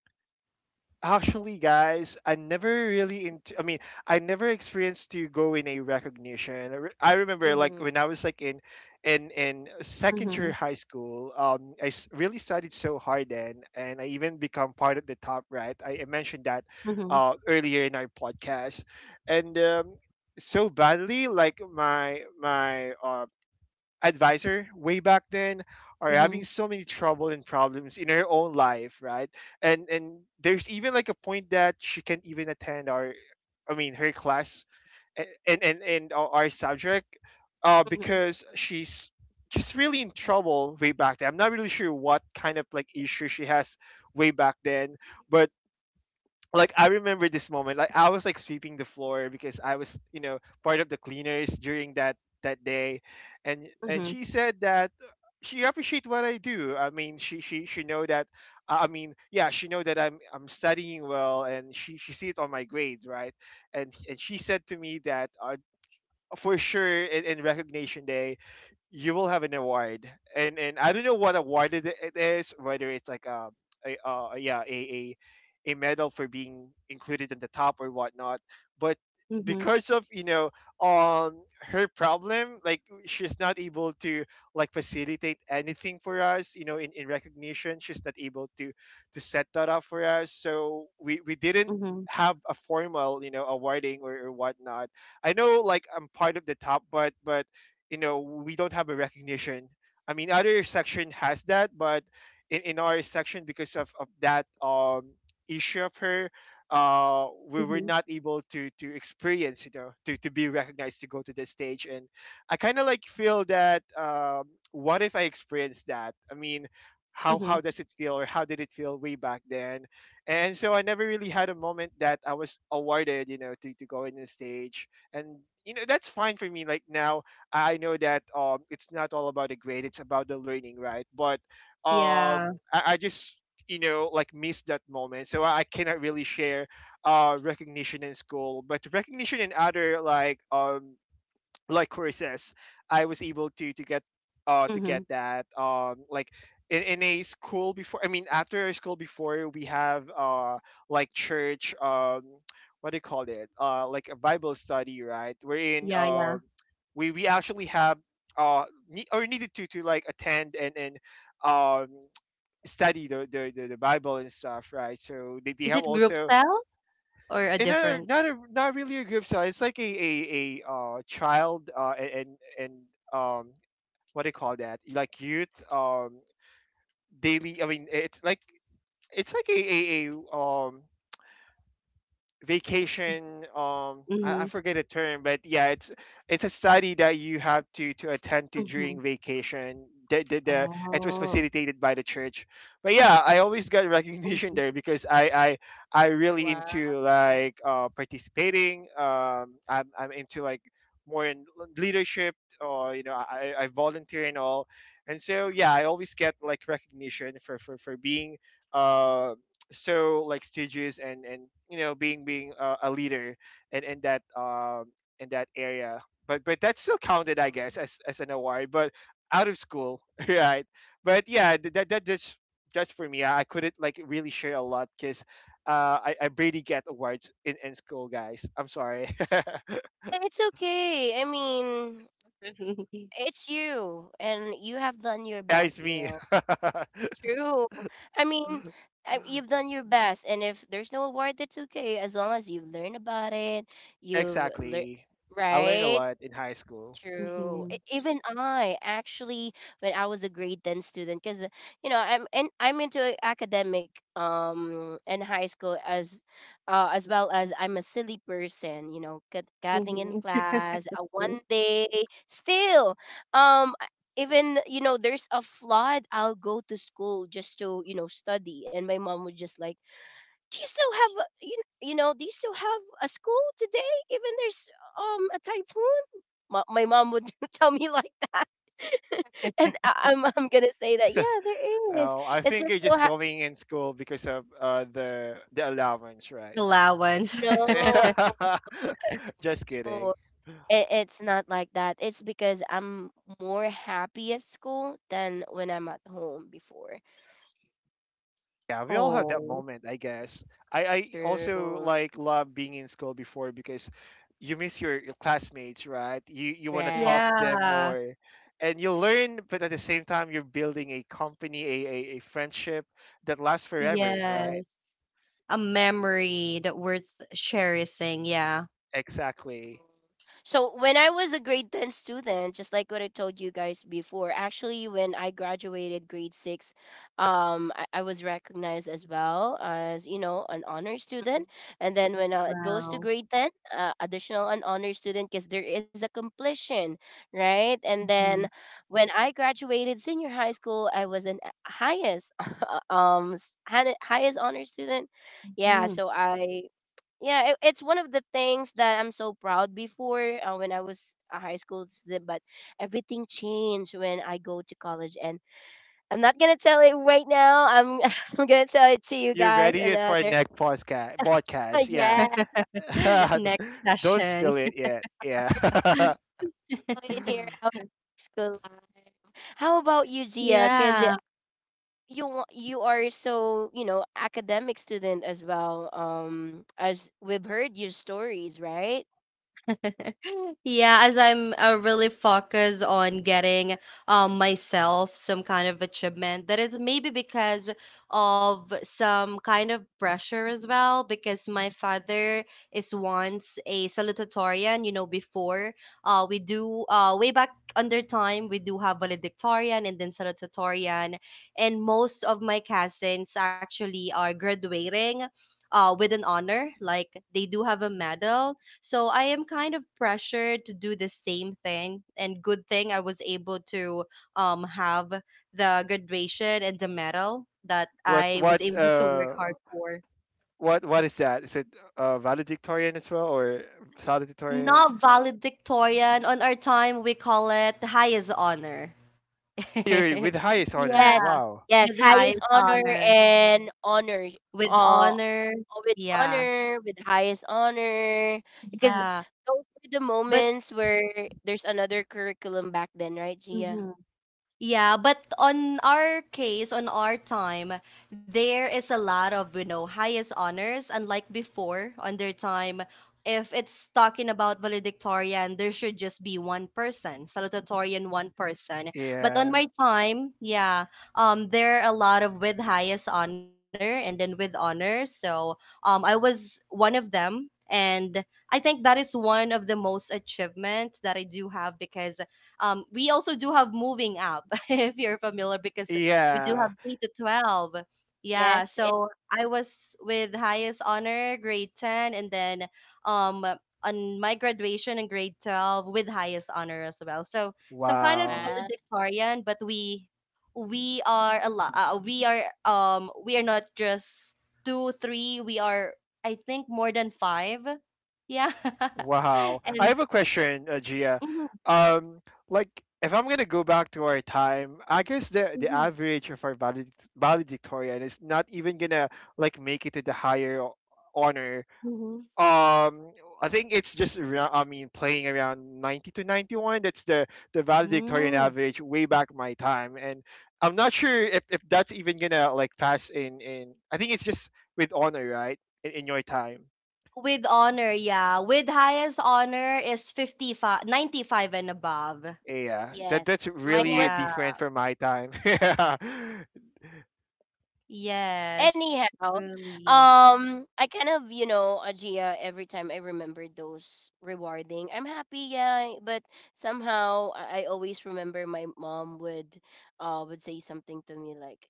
[SPEAKER 2] Actually, guys, I never really into. I never experienced to go in a recognition. I remember, like
[SPEAKER 1] Mm-hmm.
[SPEAKER 2] when I was like in second year
[SPEAKER 3] mm-hmm,
[SPEAKER 2] high school. Really studied so hard then, and I even become part of the top, right. I mentioned that,
[SPEAKER 3] mm-hmm, mm-hmm,
[SPEAKER 2] earlier in our podcast, and so badly, like my advisor way back then are having
[SPEAKER 3] mm-hmm,
[SPEAKER 2] so many trouble and problems in her own life, right? And there's even like a point that she can't even attend our, I mean, her class, and our subject, because she's just really in trouble way back then. I'm not really sure what kind of like issue she has way back then, but like I remember this moment. Like I was like sweeping the floor because I was, part of the cleaners during that day, and she said that she appreciate what I do. I mean, she know that. I mean, yeah, she know that I'm studying well, and she sees on my grades, right? And she said to me that for sure in recognition day, you will have an award, and I don't know what award it is, whether it's like a, yeah a medal for being included in the top or whatnot, but
[SPEAKER 3] mm-hmm,
[SPEAKER 2] because of her problem, like she's not able to like facilitate anything for us, in recognition. She's not able to set that up for us, so we didn't
[SPEAKER 3] mm-hmm,
[SPEAKER 2] have a formal awarding or whatnot. I know, like, I'm part of the top, but we don't have a recognition. I mean, other section has that, but in our section, because of that issue of her, we were
[SPEAKER 3] mm-hmm,
[SPEAKER 2] not able to experience, to be recognized, to go to the stage, and I kind of like feel that, what if I experienced that? I mean, how
[SPEAKER 3] mm-hmm.
[SPEAKER 2] how does it feel, or how did it feel way back then? And so I never really had a moment that I was awarded, to go in the stage, and That's fine for me, like, now. I know that, it's not all about the grade; it's about the learning, right? But um,
[SPEAKER 3] Yeah.
[SPEAKER 2] I just like missed that moment, so I cannot really share recognition in school, but recognition in other, like, like Corey says, I was able to to get uh to
[SPEAKER 3] Mm-hmm.
[SPEAKER 2] get that like in a school before. I mean, after school, before we have, like, church, what do you call it, like a Bible study, right, wherein
[SPEAKER 3] Yeah, yeah.
[SPEAKER 2] we actually have, ne- or needed to like attend, and um study the Bible and stuff, right. So they,
[SPEAKER 3] Is
[SPEAKER 2] they
[SPEAKER 3] it
[SPEAKER 2] have
[SPEAKER 3] group
[SPEAKER 2] also,
[SPEAKER 3] cell or a
[SPEAKER 2] and
[SPEAKER 3] different?
[SPEAKER 2] not really a group style. It's like a child, a- and um what do you call that? Like youth, daily. I mean, it's like a vacation,
[SPEAKER 3] Mm-hmm,
[SPEAKER 2] I forget the term, but yeah, it's a study that you have to attend to
[SPEAKER 3] mm-hmm.
[SPEAKER 2] during vacation. The, the, the it was
[SPEAKER 3] Oh.
[SPEAKER 2] facilitated by the church. But yeah, I always got recognition there because I really into,
[SPEAKER 1] Wow.
[SPEAKER 2] like, participating, I'm into, like, more in leadership, or I volunteer and all, and so yeah, I always get like recognition for being, uh so, like, stages, and being a leader, and in that, in that area. But that still counted, I guess, as an award. But out of school, right? But yeah, that just for me, I couldn't like really share a lot because, I barely get awards in school, guys. I'm sorry. Yeah,
[SPEAKER 1] It's okay. I mean, it's you, and you have done your
[SPEAKER 2] it's
[SPEAKER 1] best,
[SPEAKER 2] me.
[SPEAKER 1] Neil. True. I mean, I, you've done your best, and if there's no award, that's okay. As long as you've learned about it, you've learned,
[SPEAKER 2] Exactly. I learned a
[SPEAKER 1] right?
[SPEAKER 2] lot in high school.
[SPEAKER 1] True.
[SPEAKER 3] Mhm,
[SPEAKER 1] Even I actually, when I was a grade 10 student, because you know I'm into academic in high school, as well as I'm a silly person. You know, cutting in
[SPEAKER 3] mhm.
[SPEAKER 1] class. One day still, um, I- even you know there's a flood, I'll go to school just to you know study. And my mom would just like, do you still have a, you know, do you still have a school today even there's a typhoon? My mom would tell me like that. And I'm gonna say that, yeah, there is.
[SPEAKER 2] Oh, I
[SPEAKER 1] It's
[SPEAKER 2] think you're
[SPEAKER 1] just so
[SPEAKER 2] just
[SPEAKER 1] ha-
[SPEAKER 2] going in school because of, the allowance, right?
[SPEAKER 3] Allowance.
[SPEAKER 1] No,
[SPEAKER 2] Just kidding.
[SPEAKER 1] it's not like that. It's because I'm more happy at school than when I'm at home before.
[SPEAKER 2] Yeah, we all have that
[SPEAKER 3] Oh,
[SPEAKER 2] moment, I guess. I also
[SPEAKER 1] True,
[SPEAKER 2] like love being in school before, because you miss your classmates, right? You want to
[SPEAKER 1] right?
[SPEAKER 2] talk to them
[SPEAKER 3] yeah.
[SPEAKER 2] more, and you learn, but at the same time you're building a company, a friendship that lasts forever,
[SPEAKER 3] Yes.
[SPEAKER 2] right?
[SPEAKER 3] A memory that worth cherishing. Yeah.
[SPEAKER 2] Exactly.
[SPEAKER 1] So when I was a grade 10 student, just like what I told you guys before, actually when I graduated grade 6, I was recognized as well as, you know, an honor
[SPEAKER 3] Mhm.
[SPEAKER 1] student. And then when it goes to
[SPEAKER 3] Wow.
[SPEAKER 1] grade 10, additional an honor student because there is a completion, right? And then
[SPEAKER 3] Mhm.
[SPEAKER 1] when I graduated senior high school, I was an highest highest honor student. Yeah,
[SPEAKER 3] Mhm.
[SPEAKER 1] so I, yeah, it's one of the things that I'm so proud before, when I was a high school student. But everything changed when I go to college, and I'm not gonna tell it right now. I'm I'm gonna tell it to you
[SPEAKER 2] You're
[SPEAKER 1] guys
[SPEAKER 2] ready for our
[SPEAKER 1] another.
[SPEAKER 2] next podcast podcast, yeah.
[SPEAKER 1] Yeah, now,
[SPEAKER 3] Next
[SPEAKER 2] Don't
[SPEAKER 3] session.
[SPEAKER 2] spill it yet. Yeah.
[SPEAKER 1] in here, our high school life. How about you, Gia? Because
[SPEAKER 3] Yeah.
[SPEAKER 1] you are so, you know, academic student as well, as we've heard your stories, right?
[SPEAKER 3] Yeah, as I'm really focused on getting myself some kind of achievement, that is maybe because of some kind of pressure as well. Because my father is once a salutatorian, you know, before we do way back under time, we do have valedictorian and then salutatorian, and most of my cousins actually are graduating. With an honor, like they do have a medal, so I am kind of pressured to do the same thing. And good thing I was able to have the graduation and the medal that
[SPEAKER 2] what
[SPEAKER 3] I
[SPEAKER 2] what
[SPEAKER 3] was able to work
[SPEAKER 2] uh
[SPEAKER 3] hard for.
[SPEAKER 2] what is that? Is it, valedictorian as well, or salutatorian?
[SPEAKER 3] Not valedictorian. On our time, we call it the highest honor.
[SPEAKER 2] You're with
[SPEAKER 1] Yes,
[SPEAKER 2] highest honor.
[SPEAKER 3] Yeah,
[SPEAKER 1] yes,
[SPEAKER 2] Wow.
[SPEAKER 1] yes,
[SPEAKER 3] with
[SPEAKER 1] highest
[SPEAKER 3] highest
[SPEAKER 1] honor
[SPEAKER 3] honor,
[SPEAKER 1] and honor,
[SPEAKER 3] with
[SPEAKER 1] uh,
[SPEAKER 3] honor.
[SPEAKER 1] with
[SPEAKER 3] Yeah,
[SPEAKER 1] honor, with highest honor, because
[SPEAKER 3] yeah.
[SPEAKER 1] those were the
[SPEAKER 3] But
[SPEAKER 1] moments where there's another curriculum back then, right, Gia?
[SPEAKER 3] mhm. Yeah, but on our case, on our time, there is a lot of, you know, highest honors. Unlike before, on their time, if it's talking about valedictorian, there should just be one person, salutatorian, one person. But on
[SPEAKER 2] Yeah.
[SPEAKER 3] my time, yeah, there are a lot of with highest honor and then with honor. So I was one of them. And I think that is one of the most achievements that I do have because we also do have moving up if you're familiar because we do
[SPEAKER 2] Yeah.
[SPEAKER 3] have K to 12, yeah,
[SPEAKER 1] Yes, it's
[SPEAKER 3] so I was with highest honor grade 10, and then um on my graduation in grade 12 with highest honor as well, so some kind of
[SPEAKER 2] Wow.
[SPEAKER 1] uh,
[SPEAKER 3] valedictorian, but we are a lot. Uh, we are not just two, three, we are I think more than five, yeah.
[SPEAKER 2] Wow. I
[SPEAKER 3] And
[SPEAKER 2] have a question, Gia.
[SPEAKER 3] mhm,
[SPEAKER 2] Um, like, if I'm gonna go back to our time, I guess the
[SPEAKER 3] mhm,
[SPEAKER 2] average of our valedictorian is not even gonna like make it to the higher honor.
[SPEAKER 3] mhm,
[SPEAKER 2] um I think it's just around, I mean playing around, 90 to 91. That's the valedictorian
[SPEAKER 3] mm.
[SPEAKER 2] average way back my time, and I'm not sure if that's even gonna like pass in. I think it's just with honor, right, in your time.
[SPEAKER 3] With honor, yeah. With highest honor is 55, 95 and above.
[SPEAKER 2] Yeah, that's
[SPEAKER 1] yes. Mine was.
[SPEAKER 2] really
[SPEAKER 3] Yeah.
[SPEAKER 2] different from my time.
[SPEAKER 3] Yes.
[SPEAKER 1] Anyhow,
[SPEAKER 3] Really.
[SPEAKER 1] I kind of, you know, Ajia, every time I remember those rewarding, I'm happy, yeah, but somehow I always remember my mom would say something to me like,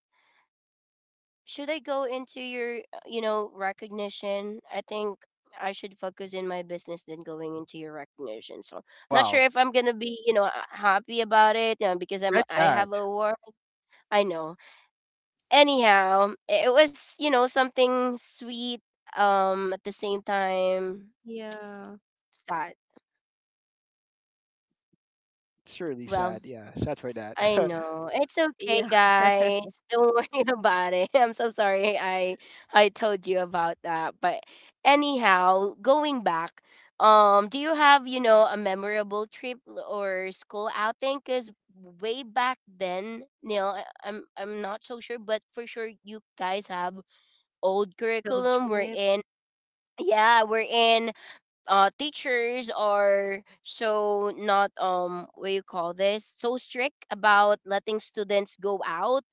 [SPEAKER 1] "Should I go into your, you know, recognition? I think I should focus in my business than going into your recognition." So, not sure
[SPEAKER 2] Wow,
[SPEAKER 1] if I'm going to be, you know, happy about it, you know, because I'm
[SPEAKER 2] that's
[SPEAKER 1] I
[SPEAKER 2] sad.
[SPEAKER 1] have a award. I know, anyhow, it was, you know, something sweet, at the same time
[SPEAKER 3] Yeah.
[SPEAKER 1] sad.
[SPEAKER 2] It's really
[SPEAKER 1] Well,
[SPEAKER 2] sad, yeah, sad for that.
[SPEAKER 1] I know. It's okay,
[SPEAKER 3] Yeah.
[SPEAKER 1] guys. Don't worry about it. I'm so sorry I told you about that. But anyhow, going back, do you have, you know, a memorable trip or school outing? Because way back then, Neil, I'm not so sure, but for sure you guys have old
[SPEAKER 3] Field
[SPEAKER 1] curriculum
[SPEAKER 3] trip.
[SPEAKER 1] wherein, yeah, wherein teachers are so not what you call this, so strict about letting students go out,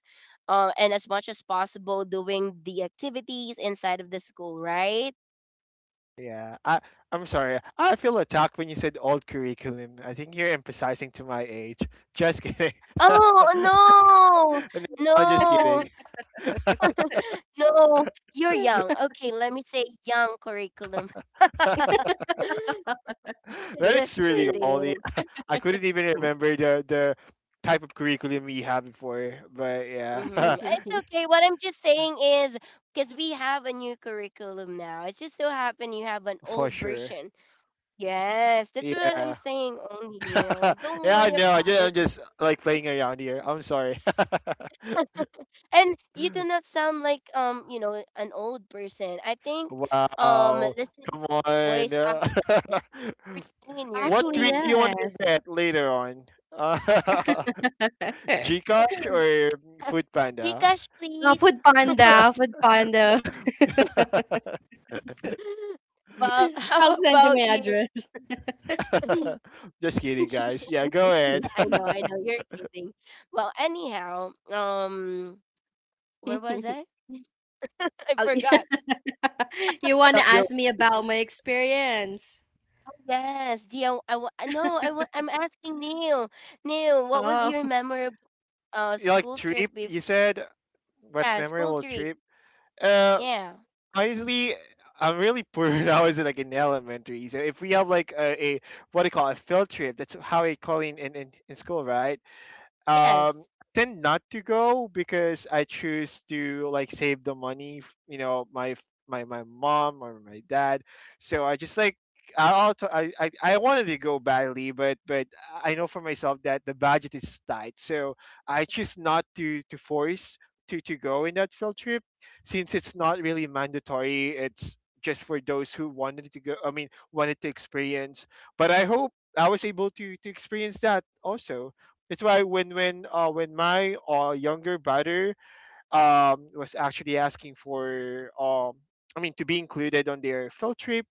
[SPEAKER 1] and as much as possible doing the activities inside of the school, right?
[SPEAKER 2] Yeah, I'm sorry. I feel attacked when you said old curriculum. I think you're emphasizing to my age. Just kidding.
[SPEAKER 1] Oh,
[SPEAKER 2] No,
[SPEAKER 1] no
[SPEAKER 2] I'm just
[SPEAKER 1] no
[SPEAKER 2] kidding.
[SPEAKER 1] no, you're young, okay, let me say young curriculum.
[SPEAKER 2] But it's
[SPEAKER 1] Just
[SPEAKER 2] really old.
[SPEAKER 1] kidding.
[SPEAKER 2] Yeah. I couldn't even remember the type of curriculum we had before. But yeah,
[SPEAKER 1] Mm-hmm. It's okay. What I'm just saying is because we have a new curriculum now. It just so happened you have an
[SPEAKER 2] for
[SPEAKER 1] old
[SPEAKER 2] sure.
[SPEAKER 1] version. Yes, that's what I'm
[SPEAKER 2] Yeah.
[SPEAKER 1] saying. Only Neil, don't
[SPEAKER 2] Yeah,
[SPEAKER 1] worry
[SPEAKER 2] I know. I
[SPEAKER 1] about
[SPEAKER 2] ju-
[SPEAKER 1] it.
[SPEAKER 2] I'm just like playing around here. I'm sorry.
[SPEAKER 1] And you do not sound like you know an old person. I think
[SPEAKER 2] Wow.
[SPEAKER 1] listening to
[SPEAKER 2] Come
[SPEAKER 1] your
[SPEAKER 2] on.
[SPEAKER 1] voice, I'm 14 years
[SPEAKER 2] What
[SPEAKER 3] Actually,
[SPEAKER 2] tweet
[SPEAKER 1] old.
[SPEAKER 2] do you want to
[SPEAKER 3] yes.
[SPEAKER 2] get later on? Uh,
[SPEAKER 1] Mhm.
[SPEAKER 2] Gcash or Foodpanda?
[SPEAKER 1] Rikash,
[SPEAKER 3] No,
[SPEAKER 1] please.
[SPEAKER 3] Food Panda, Food Panda.
[SPEAKER 1] Well, how
[SPEAKER 3] I'll send you
[SPEAKER 1] about
[SPEAKER 3] my
[SPEAKER 1] you?
[SPEAKER 3] address.
[SPEAKER 2] Just kidding, guys.
[SPEAKER 1] Shh.
[SPEAKER 2] Yeah, go ahead.
[SPEAKER 1] I know, you're kidding. Well, anyhow, where was I? I
[SPEAKER 3] Oh,
[SPEAKER 1] forgot.
[SPEAKER 3] you want to
[SPEAKER 2] you,
[SPEAKER 3] ask me about my experience?
[SPEAKER 1] Oh, yes, Gia. I wa- no, I wa- I'm asking Neil. Neil, what was
[SPEAKER 3] Oh.
[SPEAKER 1] your memorable
[SPEAKER 2] you like
[SPEAKER 1] school
[SPEAKER 2] trip?
[SPEAKER 1] trip before?
[SPEAKER 2] You said what
[SPEAKER 1] Yeah, school
[SPEAKER 2] memorable
[SPEAKER 1] trip.
[SPEAKER 2] trip? Uh,
[SPEAKER 1] Yeah.
[SPEAKER 2] Honestly, I'm really poor when I was like in elementary. So if we have like a what do you call it, a field trip? That's how we call it in school, right? um
[SPEAKER 1] Yes.
[SPEAKER 2] I tend not to go because I choose to like save the money, my mom or my dad. So I just, like, I also, I wanted to go badly, but I know for myself that the budget is tight, so I choose not to force to go in that field trip, since it's not really mandatory. It's just for those who wanted to go. I mean, wanted to experience. But I hope I was able to experience that also. That's why when my younger brother was actually asking for, I mean, to be included on their field trip,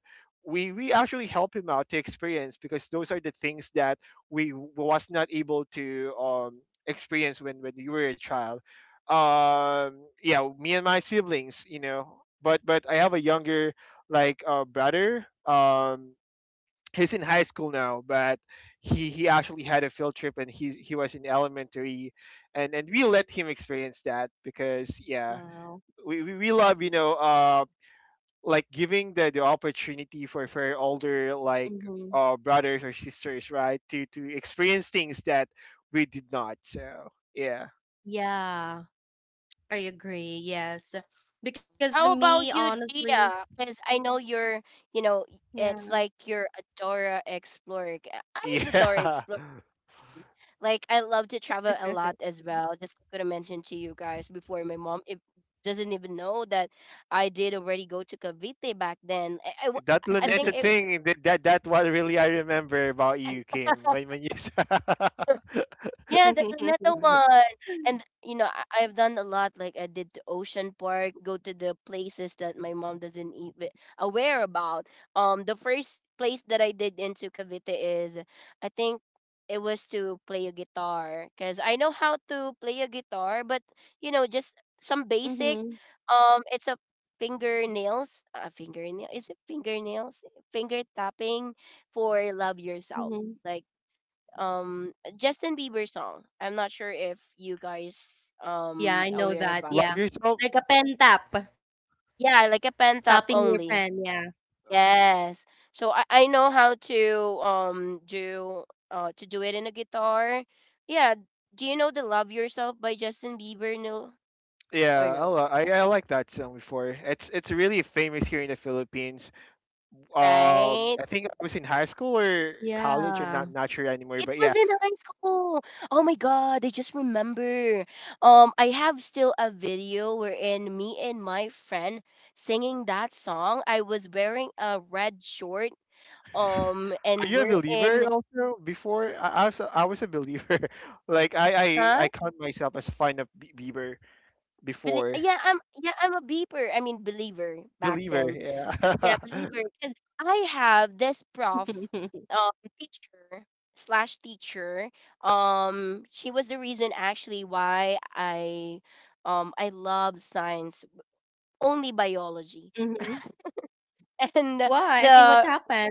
[SPEAKER 2] we actually help him out to experience, because those are the things that we was not able to experience when we were a child. Yeah, me and my siblings. But I have a younger, like, brother. He's in high school now, but he actually had a field trip, and he was in elementary, and we
[SPEAKER 3] Mhm.
[SPEAKER 2] let him experience that because, yeah,
[SPEAKER 3] Wow.
[SPEAKER 2] we love, like, giving the opportunity for older, like,
[SPEAKER 3] Mm-hmm.
[SPEAKER 2] brothers or sisters, right, to experience things that we did not. So yeah.
[SPEAKER 3] Yeah, I agree. Yes. Because
[SPEAKER 1] How
[SPEAKER 3] me,
[SPEAKER 1] about you,
[SPEAKER 3] honestly,
[SPEAKER 1] Gia? Because I know you're, you know,
[SPEAKER 3] yeah.
[SPEAKER 1] it's like you're a Dora Explorer. I was a Dora Explorer. Like, I love to travel a lot as well. Just gonna mention to you guys before, my mom, if doesn't even know that I did already go to Cavite back then.
[SPEAKER 2] Yeah, that
[SPEAKER 1] I think
[SPEAKER 2] Luneta
[SPEAKER 1] it.
[SPEAKER 2] thing, that what really I remember about you, Kim. When you
[SPEAKER 1] Yeah, that's another one. And you know, I've done a lot. Like I did to Ocean Park, go to the places that my mom doesn't even aware about. The first place that I did into Cavite is, I think it was to play a guitar because I know how to play a guitar, but you know, just some
[SPEAKER 3] Mm-hmm.
[SPEAKER 1] basic. It's a fingernails, fingernail. Is it fingernails? Finger tapping for love
[SPEAKER 3] Mm-hmm.
[SPEAKER 1] yourself. Like Justin Bieber song. I'm not sure if you guys
[SPEAKER 3] Yeah, I know
[SPEAKER 1] aware
[SPEAKER 3] that.
[SPEAKER 1] about.
[SPEAKER 2] love
[SPEAKER 3] Yeah.
[SPEAKER 2] yourself,
[SPEAKER 3] Like a pen tap,
[SPEAKER 1] Yeah, like a
[SPEAKER 3] tapping
[SPEAKER 1] pen
[SPEAKER 3] your
[SPEAKER 1] top
[SPEAKER 3] pen. Yeah.
[SPEAKER 1] only. Yes. So I know how to do to do it in a guitar. Yeah. Do you know the Love Yourself by Justin Bieber? No
[SPEAKER 2] yeah,
[SPEAKER 1] or
[SPEAKER 2] I,
[SPEAKER 1] no?
[SPEAKER 2] li- I like that song before. It's really famous here in the Philippines.
[SPEAKER 1] Right?
[SPEAKER 2] I think I was in high school or college,
[SPEAKER 3] Yeah.
[SPEAKER 2] or not sure
[SPEAKER 1] It
[SPEAKER 2] anymore. But
[SPEAKER 1] was
[SPEAKER 2] yeah,
[SPEAKER 1] in high school. Oh my god, I just remember. I have still a video wherein me and my friend singing that song. I was wearing a red short.
[SPEAKER 2] are
[SPEAKER 1] And
[SPEAKER 2] you a
[SPEAKER 1] we're
[SPEAKER 2] believer
[SPEAKER 1] in,
[SPEAKER 2] also? Before I was a believer. Like I, I
[SPEAKER 1] huh?
[SPEAKER 2] I count myself as fan of Bieber before
[SPEAKER 1] Yeah, I'm a beeper. I mean believer back
[SPEAKER 2] believer.
[SPEAKER 1] then. Yeah,
[SPEAKER 2] Yeah,
[SPEAKER 1] believer. Because I have this prof, um, teacher slash teacher. She was the reason actually why I love science, only
[SPEAKER 3] Mm-hmm.
[SPEAKER 1] biology,
[SPEAKER 3] Why?
[SPEAKER 1] and
[SPEAKER 3] I mean, what
[SPEAKER 1] the
[SPEAKER 3] happened?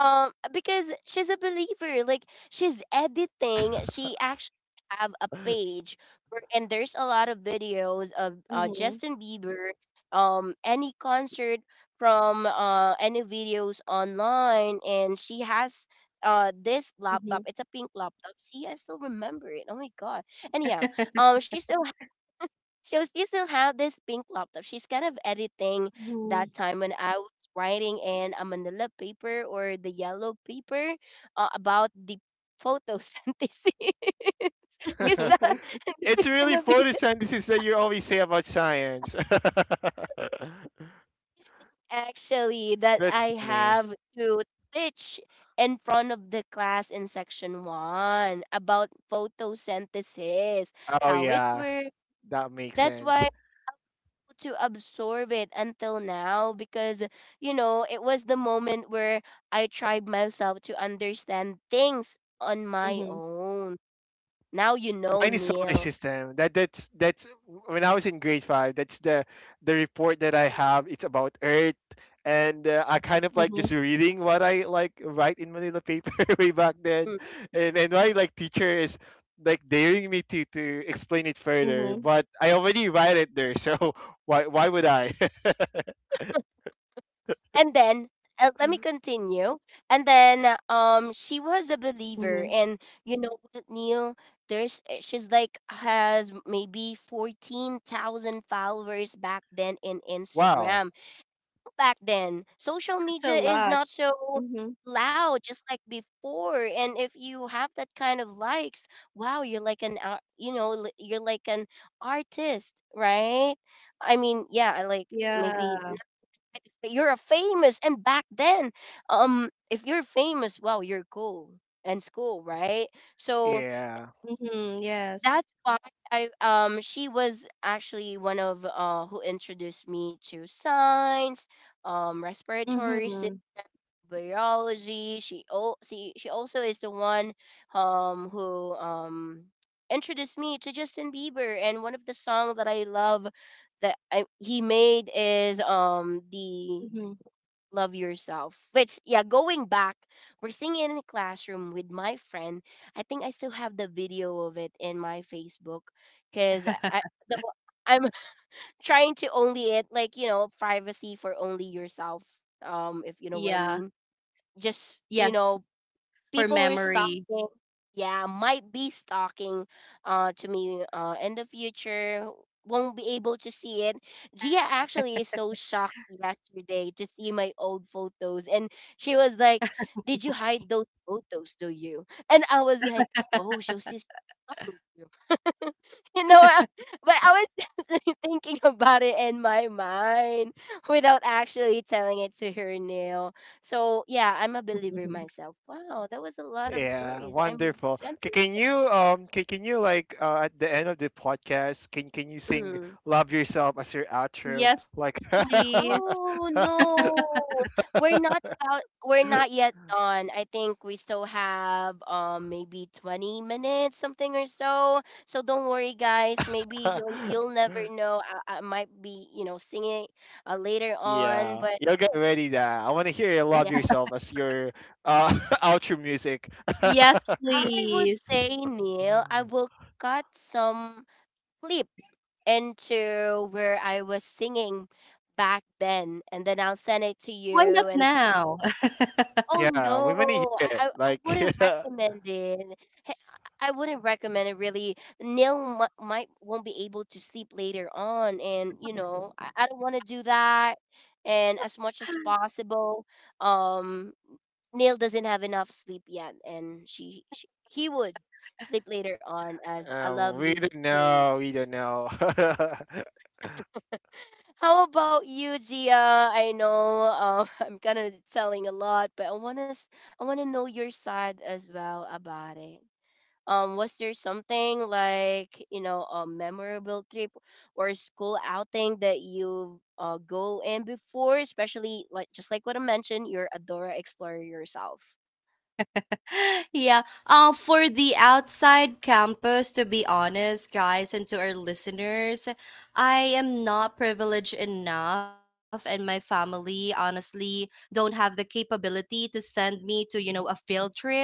[SPEAKER 1] Because she's a believer. Like, she's editing. She actually have a page where, and there's a lot of videos of
[SPEAKER 3] Mm-hmm.
[SPEAKER 1] Justin Bieber, any concert from any videos online, and she has this
[SPEAKER 3] Mm-hmm.
[SPEAKER 1] laptop. It's a pink laptop. See, I still remember it. Oh my god. Anyhow, um, she still she was, you still have this pink laptop. She's kind of editing
[SPEAKER 3] Mm-hmm.
[SPEAKER 1] that time when I was writing in a manila paper or the yellow paper about the photosynthesis. Because that
[SPEAKER 2] it's
[SPEAKER 1] that's
[SPEAKER 2] really
[SPEAKER 1] gonna be the
[SPEAKER 2] photosynthesis that you always say about science.
[SPEAKER 1] first thing actually that
[SPEAKER 2] That's
[SPEAKER 1] I
[SPEAKER 2] funny.
[SPEAKER 1] have to teach in front of the class in section one about photosynthesis,
[SPEAKER 2] Oh
[SPEAKER 1] how it
[SPEAKER 2] yeah,
[SPEAKER 1] works.
[SPEAKER 2] that makes
[SPEAKER 1] That's
[SPEAKER 2] sense.
[SPEAKER 1] why to absorb it until now because you know it was the moment where I tried myself to understand things on my
[SPEAKER 3] Mm-hmm.
[SPEAKER 1] own. Now you know,
[SPEAKER 2] Mine is solar
[SPEAKER 1] Neil.
[SPEAKER 2] system. That's when I was in grade five. That's the report that I have. It's about Earth, and, I kind of
[SPEAKER 3] Mm-hmm.
[SPEAKER 2] like just reading what I like write in Manila paper way back then,
[SPEAKER 1] Mm.
[SPEAKER 2] and my like teacher is like daring me to explain it further.
[SPEAKER 3] Mm-hmm.
[SPEAKER 2] But I already write it there, so why would I?
[SPEAKER 1] And then let me continue. And then she was a
[SPEAKER 3] Mm-hmm.
[SPEAKER 1] believer, and you know what, Neil? There's she's like has maybe 14,000 followers back then in
[SPEAKER 2] Wow.
[SPEAKER 1] Instagram back then.
[SPEAKER 3] That's a
[SPEAKER 1] Social media
[SPEAKER 3] lot.
[SPEAKER 1] is not so
[SPEAKER 3] Mm-hmm.
[SPEAKER 1] loud just like before, and if you have that kind of likes, wow, you're like an you know you're like an artist, right? I mean, yeah, I like
[SPEAKER 3] Yeah.
[SPEAKER 1] maybe not artist, but you're a famous, and back then, if you're famous, wow, you're cool and school, right? So
[SPEAKER 2] Yeah.
[SPEAKER 3] Mm-hmm. Yes.
[SPEAKER 1] that's why I she was actually one of who introduced me to signs, respiratory
[SPEAKER 3] Mm-hmm.
[SPEAKER 1] biology. She oh she also is the one who introduced me to Justin Bieber, and one of the songs that I love that I, he made is
[SPEAKER 3] Mhm.
[SPEAKER 1] the Love Yourself. Which yeah, going back, we're singing in a classroom with my friend. I think I still have the video of it in my Facebook because the, I'm trying to only it like you know privacy for only yourself. If you know what I
[SPEAKER 3] Yeah.
[SPEAKER 1] mean, just you
[SPEAKER 3] Yes.
[SPEAKER 1] know
[SPEAKER 3] For
[SPEAKER 1] people who are
[SPEAKER 3] memory.
[SPEAKER 1] stalking, yeah, might be stalking to me in the future won't be able to see it. Gia actually is so shocked yesterday to see my old photos, and she was like, did you hide those photos, do you? And I was like, oh, so she's stalking you. You know, but I was thinking about it in my mind without actually telling it to her now. So yeah, I'm a believer
[SPEAKER 3] Mhm.
[SPEAKER 1] myself. Wow, that was a lot of
[SPEAKER 2] Yeah,
[SPEAKER 1] stories. I'm
[SPEAKER 2] wonderful. Ca-
[SPEAKER 1] sentenced.
[SPEAKER 2] Can you um can, can you like, at the end of the podcast, can you sing
[SPEAKER 1] Mm.
[SPEAKER 2] "Love Yourself" as your outro?
[SPEAKER 3] Yes,
[SPEAKER 2] Like,
[SPEAKER 3] please.
[SPEAKER 1] Oh no, we're not about. We're not yet done. I think we still have maybe 20 minutes, something or so. So don't worry, guys. Maybe you'll never know. I might be you know singing later on,
[SPEAKER 2] yeah,
[SPEAKER 1] but
[SPEAKER 2] you'll get ready. That I want to hear you "Love
[SPEAKER 1] yeah,
[SPEAKER 2] Yourself" as your uh outro music.
[SPEAKER 3] Yes,
[SPEAKER 1] I would
[SPEAKER 3] please.
[SPEAKER 1] say Neil. I will cut some clip into where I was singing back then, and then I'll send
[SPEAKER 3] Why
[SPEAKER 1] it to
[SPEAKER 3] not
[SPEAKER 1] you. And
[SPEAKER 3] now?
[SPEAKER 1] oh
[SPEAKER 2] Yeah, we want to hear
[SPEAKER 1] no,
[SPEAKER 2] it.
[SPEAKER 1] I
[SPEAKER 2] Like,
[SPEAKER 1] wouldn't
[SPEAKER 2] uh,
[SPEAKER 1] recommend it. Hey, I wouldn't recommend it really. Neil might won't be able to sleep later on, and you know I don't want to do that. And as much as possible, um, Neil doesn't have enough sleep yet, and she he would sleep later on as a
[SPEAKER 2] we
[SPEAKER 1] lovely
[SPEAKER 2] don't
[SPEAKER 1] bird.
[SPEAKER 2] know, we don't know.
[SPEAKER 1] How about you, Gia? I know, I'm kind of telling a lot, but I want to know your side as well about it. Was there something like you know a memorable trip or school outing that you go in before, especially like just like what I mentioned, you're a Dora Explorer yourself.
[SPEAKER 3] Yeah. For the outside campus, to be honest, guys, and to our listeners, I am not privileged enough, and my family honestly don't have the capability to send me to, you know, a field trip.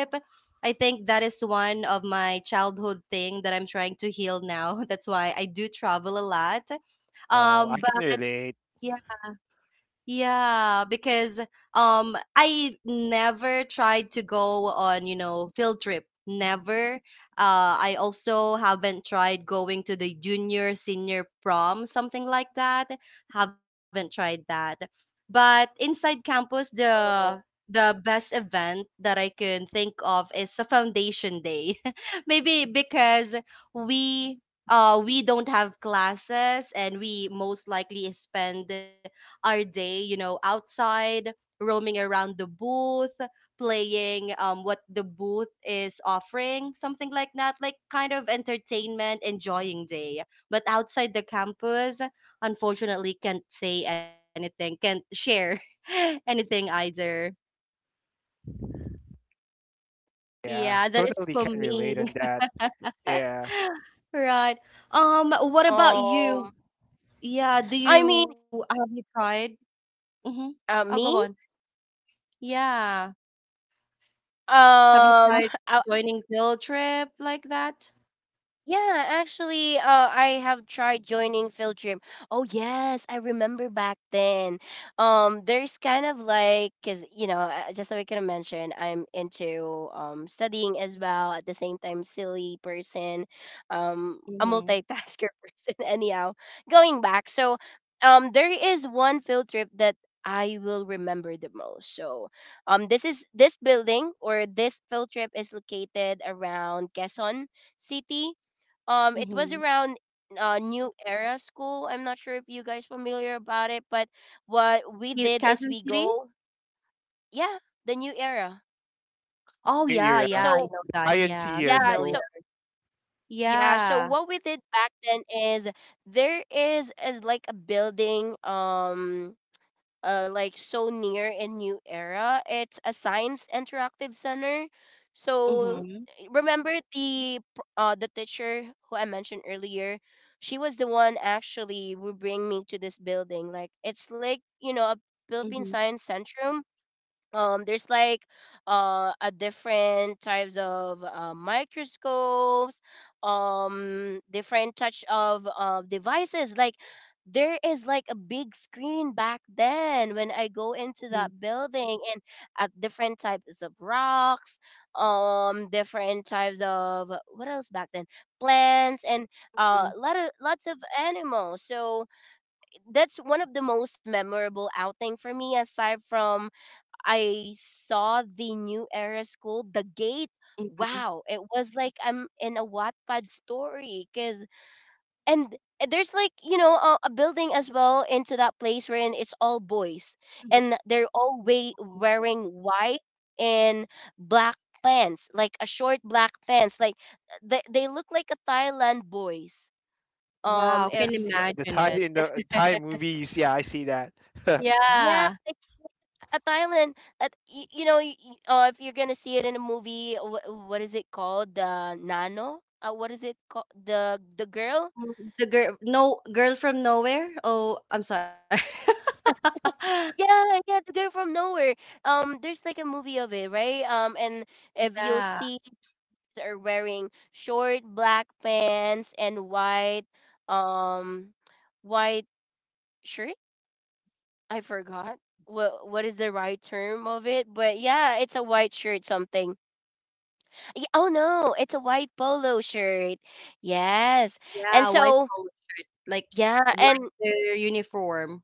[SPEAKER 3] I think that is one of my childhood thing that I'm trying to heal now. That's why I do travel a lot.
[SPEAKER 2] Oh, I can
[SPEAKER 3] But
[SPEAKER 2] relate.
[SPEAKER 3] yeah. Yeah, because I never tried to go on, you know, field trip. Never. Uh, I also haven't tried going to the junior senior prom, something like that. Haven't tried that. But inside campus, the
[SPEAKER 1] Oh,
[SPEAKER 3] the best event that I can think of is a foundation day. Maybe because we we don't have classes, and we most likely spend our day, you know, outside, roaming around the booth, playing what the booth is offering, something like that, like kind of entertainment, enjoying day. But outside the campus, unfortunately can't say anything, can't share anything either.
[SPEAKER 2] Yeah,
[SPEAKER 3] Yeah, that is
[SPEAKER 2] totally
[SPEAKER 3] for
[SPEAKER 2] can
[SPEAKER 3] me.
[SPEAKER 2] relate on that. Yeah,
[SPEAKER 3] Right. What about
[SPEAKER 1] um,
[SPEAKER 3] you? Yeah, do
[SPEAKER 1] I mean,
[SPEAKER 3] you have you tried? Mm-hmm. I'll go on.
[SPEAKER 1] me.
[SPEAKER 3] Yeah. Have you tried
[SPEAKER 1] I,
[SPEAKER 3] joining field trip like that?
[SPEAKER 1] yeah, actually, I have tried joining field trip. Oh yes, I remember back then. There's kind of like, cause you know, just like I can mention, I'm into studying as well. At the same time, silly person, a
[SPEAKER 3] Mm-hmm.
[SPEAKER 1] multitasker person. Anyhow, going back, so there is one field trip that I will remember the most. So, this is this building or this field trip is located around Quezon City. It was
[SPEAKER 3] Mm-hmm.
[SPEAKER 1] around New Era School. I'm not sure if you guys familiar about it, but
[SPEAKER 3] Is
[SPEAKER 1] what we
[SPEAKER 3] Quezon
[SPEAKER 1] did
[SPEAKER 3] City?
[SPEAKER 1] is we go, yeah, the New Era.
[SPEAKER 3] Oh
[SPEAKER 2] New
[SPEAKER 3] yeah, yeah, I
[SPEAKER 2] Era.
[SPEAKER 1] So
[SPEAKER 3] know that.
[SPEAKER 2] Thai and
[SPEAKER 3] Yeah, I'm
[SPEAKER 1] yeah,
[SPEAKER 3] familiar.
[SPEAKER 1] so
[SPEAKER 2] CS:GO.
[SPEAKER 1] yeah, so
[SPEAKER 3] Yeah.
[SPEAKER 1] what we did back then is there is like a building. Like so near in New Era. It's a science interactive center. So
[SPEAKER 3] Mm-hmm.
[SPEAKER 1] remember the the teacher who I mentioned earlier. She was the one actually who bring me to this building. Like it's like you know a
[SPEAKER 3] Mm-hmm.
[SPEAKER 1] Philippine Science Centrum. There's like a different types of microscopes, different touch of devices. Like there is like a big screen back then when I go into that building, and at different types of rocks, different types of what else back then, plants, and
[SPEAKER 3] Mm-hmm.
[SPEAKER 1] lots of animals. So that's one of the most memorable outing for me, aside from I saw the New Era School, the gate.
[SPEAKER 3] Mm-hmm.
[SPEAKER 1] Wow, it was like I'm in a Wattpad story. Cause and there's like you know a building as well into that place, wherein it's all boys, and they're all way wearing white and black pants, like a short black pants. Like they look like a Thailand boys.
[SPEAKER 2] The
[SPEAKER 3] Wow,
[SPEAKER 1] If
[SPEAKER 2] Thai,
[SPEAKER 3] can
[SPEAKER 2] the Thai in
[SPEAKER 3] imagine it.
[SPEAKER 2] the Thai movies. Yeah, I see that.
[SPEAKER 1] yeah
[SPEAKER 3] Yeah.
[SPEAKER 1] a Thailand, you know, if you're gonna see it in a movie, what is it called? The Nano. What is it called? The girl.
[SPEAKER 3] Mm, the girl, no, girl from nowhere? Oh, I'm sorry.
[SPEAKER 1] Yeah, yeah, the girl from nowhere. There's like a movie of it, right? And if you'll
[SPEAKER 3] Yeah.
[SPEAKER 1] see, they're wearing short black pants and white, um, white shirt. I forgot what is the right term of it, but yeah, it's a white shirt something. Y Oh, no, it's a white polo shirt. Yes. And
[SPEAKER 3] Yeah, white
[SPEAKER 1] so
[SPEAKER 3] polo shirt.
[SPEAKER 1] yeah,
[SPEAKER 3] Like
[SPEAKER 1] and
[SPEAKER 3] their uniform.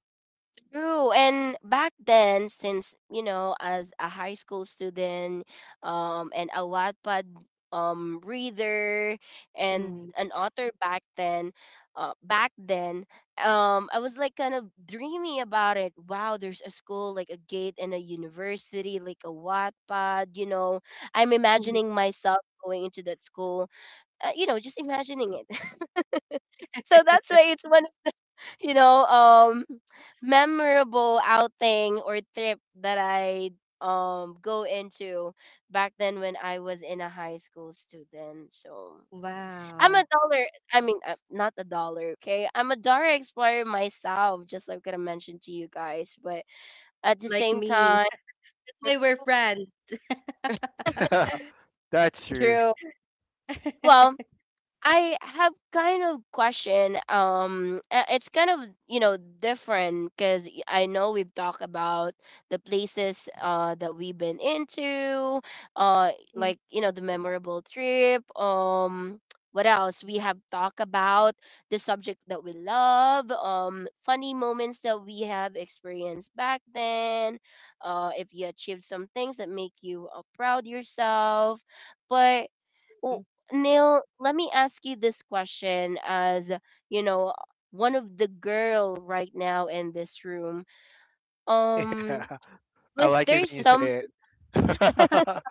[SPEAKER 1] true, and back then, since, you know, as a high school student, and a Wattpad reader and
[SPEAKER 3] Mm-hmm.
[SPEAKER 1] an author back then, uh, back then, I was like kind of dreamy about it. Wow, there's a school, like a gate and a university, like a Wattpad, you know. I'm imagining myself going into that school, you know, just imagining it. So that's why it's one, you know, memorable outing or trip that I go into back then when I was in a high school student. So I'm a
[SPEAKER 3] Wow.
[SPEAKER 1] dollar. I mean, not a dollar. Okay, I'm a dollar explorer myself, just like I mentioned to you guys. But
[SPEAKER 3] Like
[SPEAKER 1] at the same
[SPEAKER 3] me.
[SPEAKER 1] time,
[SPEAKER 3] Why we're
[SPEAKER 1] true.
[SPEAKER 3] friends.
[SPEAKER 2] That's true.
[SPEAKER 1] True. Well, I have kind of question. It's kind of you know different because I know we've talked about the places that we've been into,
[SPEAKER 3] Mhm,
[SPEAKER 1] like you know the memorable trip. What else? We have talked about the subject that we love. Funny moments that we have experienced back then. If you achieved some things that make you proud yourself, but well, Neil, let me ask you this question as, you know, one of the girl right now in this room. Um,
[SPEAKER 2] Yeah, I
[SPEAKER 1] was
[SPEAKER 2] like it
[SPEAKER 1] there
[SPEAKER 2] when you
[SPEAKER 1] some
[SPEAKER 2] say it.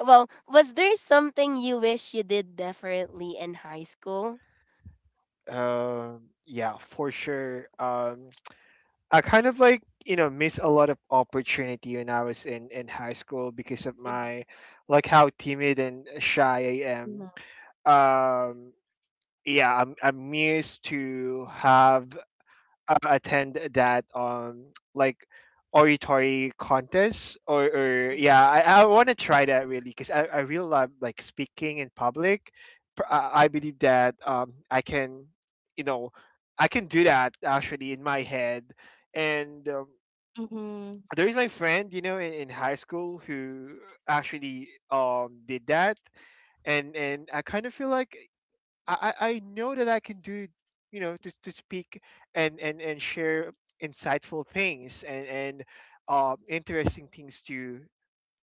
[SPEAKER 1] well, was there something you wish you did differently in high school?
[SPEAKER 2] Yeah, for sure. I kind of like miss a lot of opportunity when I was in high school because of
[SPEAKER 1] Mm-hmm.
[SPEAKER 2] my like how timid and shy I am.
[SPEAKER 3] mhm,
[SPEAKER 2] Um, yeah, I'm used to have attend that like oratory contest or yeah I want to try that really because I really love like speaking in public. I believe that I can you know I can do that actually in my head. And
[SPEAKER 3] mhm,
[SPEAKER 2] there is my friend in high school who actually did that. And I kind of feel like I know that I can do, you know, to speak and share insightful things and interesting things to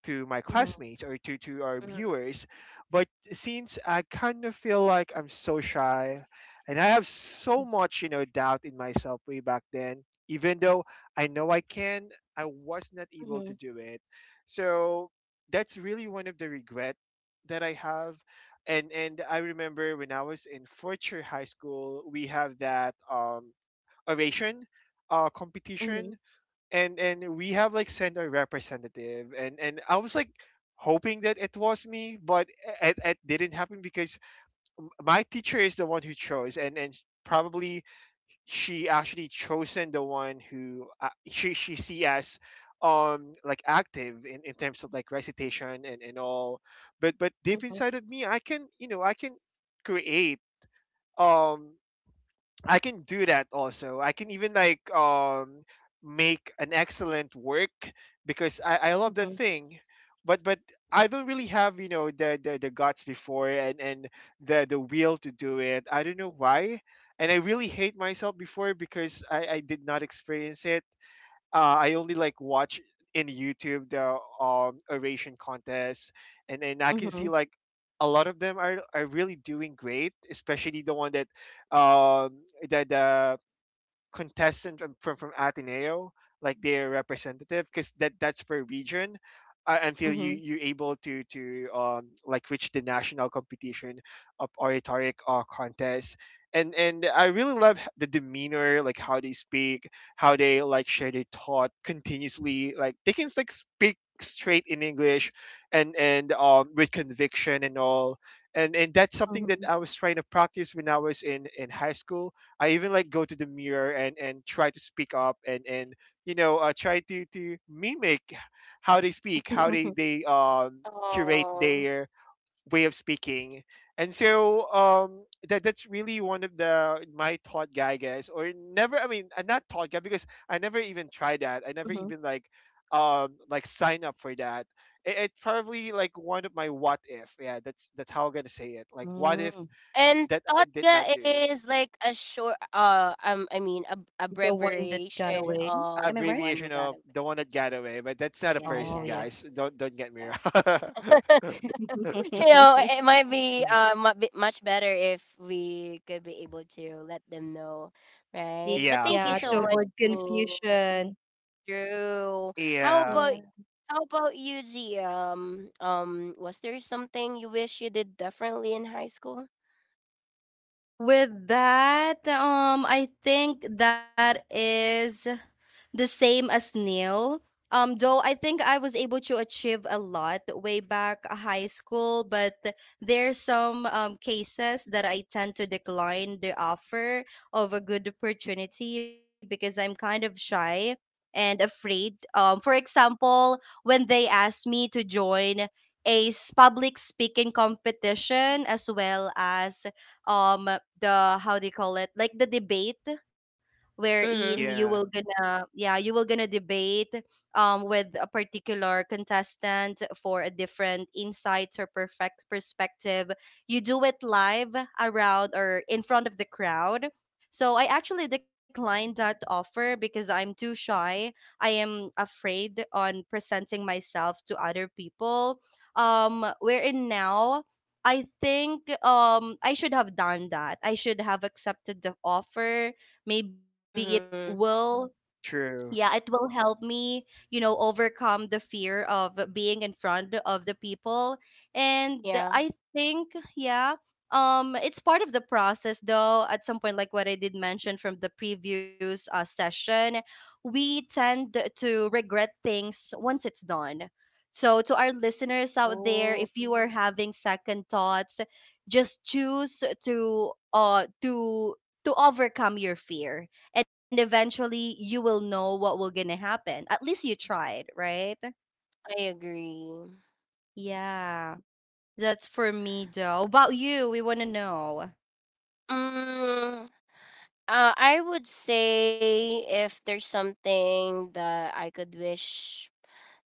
[SPEAKER 2] my
[SPEAKER 3] mhm,
[SPEAKER 2] classmates or to our
[SPEAKER 1] Hmm.
[SPEAKER 2] viewers. But since I kind of feel like I'm so shy and I have so much, you know, doubt in myself way back then, even though I know I can, I was not able
[SPEAKER 3] mhm,
[SPEAKER 2] to do it. So that's really one of the regret that I have. And I remember when I was in Fortier High School, we have that oration
[SPEAKER 3] mhm,
[SPEAKER 2] competition, and we have like sent our representative and I was like hoping that it was me but it didn't happen because my teacher is the one who chose, and probably she actually chosen the one who she see as like active in terms of like recitation and all. But deep
[SPEAKER 3] mhm,
[SPEAKER 2] inside of me I can, you know, I can create, um I can do that also. I can even like make an excellent work because I love the
[SPEAKER 3] mhm,
[SPEAKER 2] thing. But I don't really have, you know, the guts before and the will to do it. I don't know why. And I really hate myself before because I did not experience it. I only like watch in YouTube the oration contests, and I can
[SPEAKER 3] mhm,
[SPEAKER 2] see
[SPEAKER 3] mhm,
[SPEAKER 2] like a lot of them are really doing great, especially the one that um the contestant from Ateneo, like their representative, because that that's per region. Until you
[SPEAKER 3] mhm,
[SPEAKER 2] you able to like reach the national competition of oratoric contest. And I really love the demeanor like how they speak, how they like share their thought continuously, like they can like speak straight in English, and with conviction and all. And that's something that I was trying to practice when I was in high school. I even like go to the mirror and try to speak up and you know, try to mimic how they speak, how they
[SPEAKER 3] mhm,
[SPEAKER 2] they um curate
[SPEAKER 1] Oh.
[SPEAKER 2] their way of speaking. And so that's really one of the my thought guy guess or never. I mean, I'm not thought guy because I never even tried that. I never
[SPEAKER 3] mhm.
[SPEAKER 2] even like sign up for that. It's probably like one of my what if. Yeah, that's how I'm gonna say it. Like what if
[SPEAKER 3] Mm.
[SPEAKER 1] And
[SPEAKER 2] that I did not
[SPEAKER 1] Totga
[SPEAKER 2] do.
[SPEAKER 1] is like a short I mean a
[SPEAKER 3] The one that got
[SPEAKER 1] abbreviation
[SPEAKER 3] away.
[SPEAKER 1] of
[SPEAKER 3] Am I
[SPEAKER 1] the
[SPEAKER 3] right?
[SPEAKER 1] one who
[SPEAKER 2] Abbreviation
[SPEAKER 1] got
[SPEAKER 2] of
[SPEAKER 1] away.
[SPEAKER 2] the one that got away, but that's not a
[SPEAKER 1] Yeah,
[SPEAKER 2] person,
[SPEAKER 1] yeah,
[SPEAKER 3] Oh, yeah.
[SPEAKER 2] guys. Don't get me
[SPEAKER 1] yeah.
[SPEAKER 2] wrong.
[SPEAKER 1] Yeah. You know, it might be much better if we could be able to let them know, right? But
[SPEAKER 2] Yeah,
[SPEAKER 1] thank
[SPEAKER 2] for
[SPEAKER 1] you
[SPEAKER 3] Yeah,
[SPEAKER 1] so
[SPEAKER 3] to
[SPEAKER 2] sure.
[SPEAKER 1] much,
[SPEAKER 3] avoid
[SPEAKER 1] Neil,
[SPEAKER 3] confusion.
[SPEAKER 1] Drew. How
[SPEAKER 2] Yeah,
[SPEAKER 1] about
[SPEAKER 3] Yeah.
[SPEAKER 1] how about you, G? Was there something you wish you did differently in high school?
[SPEAKER 3] With that, I think that is the same as Neil. Though I think I was able to achieve a lot way back high school, but there's some cases that I tend to decline the offer of a good opportunity because I'm kind of shy and afraid. For example, when they asked me to join public speaking competition, as well as um the, how do you call it, like the debate, wherein you
[SPEAKER 1] Mhm.
[SPEAKER 3] will
[SPEAKER 2] yeah,
[SPEAKER 3] gonna yeah, you will gonna debate with a particular contestant for a different insights or perfect perspective. You do it live around or in front of the crowd. So I actually declined that offer because I'm too shy. I am afraid on presenting myself to other people. Um, wherein now I think I should have done that. I should have accepted the offer. Maybe it
[SPEAKER 1] Mhm.
[SPEAKER 3] will Yeah, it
[SPEAKER 2] true.
[SPEAKER 3] will help me, you know, overcome the fear of being in front of the people. And
[SPEAKER 1] Yeah.
[SPEAKER 3] I think yeah, um, it's part of the process, though at some point, like what I did mention from the previous session, we tend to regret things once it's done. So to our listeners out there,
[SPEAKER 1] Oh,
[SPEAKER 3] if you are having second thoughts, just choose to overcome your fear, and eventually you will know what will gonna happen. At least you tried, right?
[SPEAKER 1] I agree.
[SPEAKER 3] Yeah. That's for me. Though about you, we want to know.
[SPEAKER 1] Mm, I would say if there's something that I could wish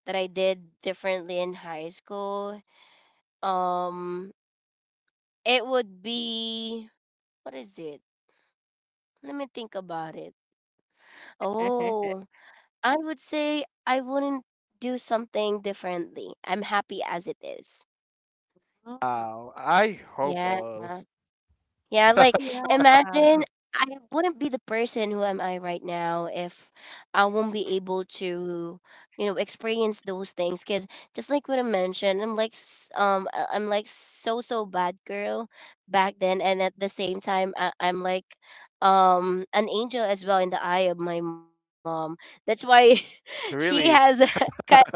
[SPEAKER 1] that I did differently in high school, um, it would be what is it? Let me think about it. Oh, I would say I wouldn't do something differently. I'm happy as it is.
[SPEAKER 3] Mm,
[SPEAKER 2] Wow, I hope
[SPEAKER 1] Yeah.
[SPEAKER 2] all
[SPEAKER 1] Yeah, like
[SPEAKER 3] yeah,
[SPEAKER 1] imagine I wouldn't be the person who am I right now if I won't be able to, you know, experience those things. Cause just like what I mentioned, I'm like, I'm like so bad girl back then, and at the same time, I'm like, an angel as well in the eye of my mom. That's why she has,
[SPEAKER 2] really.
[SPEAKER 1] kind,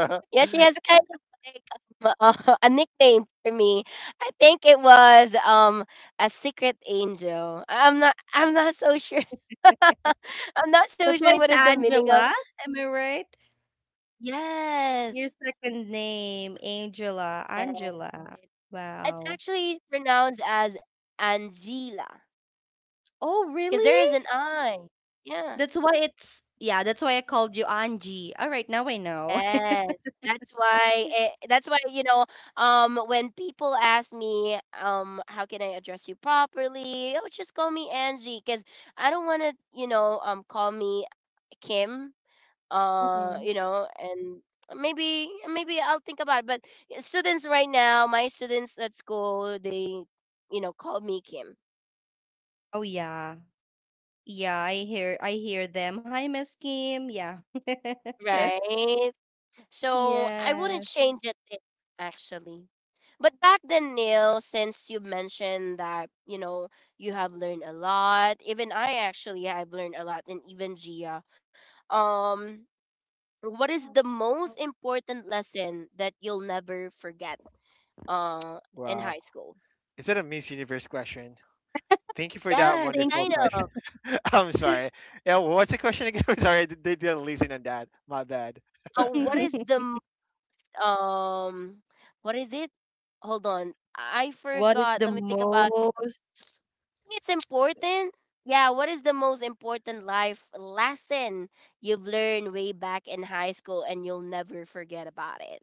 [SPEAKER 1] yeah, she has kind of like a nickname for me. I think it was a secret angel. I'm not so sure. I'm not so
[SPEAKER 3] that's why
[SPEAKER 1] sure what
[SPEAKER 3] it's
[SPEAKER 1] is the meaning of.
[SPEAKER 3] Angela, am I right? Your
[SPEAKER 1] Yes.
[SPEAKER 3] second name Angela,
[SPEAKER 1] Yes.
[SPEAKER 3] Angela.
[SPEAKER 1] It- it's
[SPEAKER 3] Wow.
[SPEAKER 1] actually pronounced as Angela
[SPEAKER 3] Oh,
[SPEAKER 1] because
[SPEAKER 3] really?
[SPEAKER 1] there is an I. Yeah.
[SPEAKER 3] That's why I called you Angie. All right, now I know.
[SPEAKER 1] Yes. That's why it, that's why you know when people ask me how can I address you properly? Oh, just call me Angie because I don't want to, you know, call me Kim,
[SPEAKER 3] Mhm.
[SPEAKER 1] you know, and maybe I'll think about it, but students right now, my students at school, they you know call me Kim,
[SPEAKER 3] Oh yeah. Yeah, I hear them. Hi, Miss Kim. Yeah.
[SPEAKER 1] right? So I wouldn't
[SPEAKER 3] Yes.
[SPEAKER 1] change it then, actually. But back then, Neil, since you mentioned that you know you have learned a lot, even I actually have learned a lot, and even Gia, um what is the most important lesson that you'll never forget uh in
[SPEAKER 2] wow,
[SPEAKER 1] high school?
[SPEAKER 2] is that a Miss Universe question? Thank you for that
[SPEAKER 1] Yes,
[SPEAKER 3] Thank.
[SPEAKER 2] wonderful
[SPEAKER 1] kind of.
[SPEAKER 2] question. I'm sorry. Yeah, what's the question again? I'm sorry, they didn't listen on that. My bad.
[SPEAKER 1] What is the um what is it? Hold on. I
[SPEAKER 3] What is
[SPEAKER 1] forgot.
[SPEAKER 3] the
[SPEAKER 1] Let me think about it.
[SPEAKER 3] most?
[SPEAKER 1] It's important. Yeah, what is the most important life lesson you've learned way back in high school and you'll never forget about it?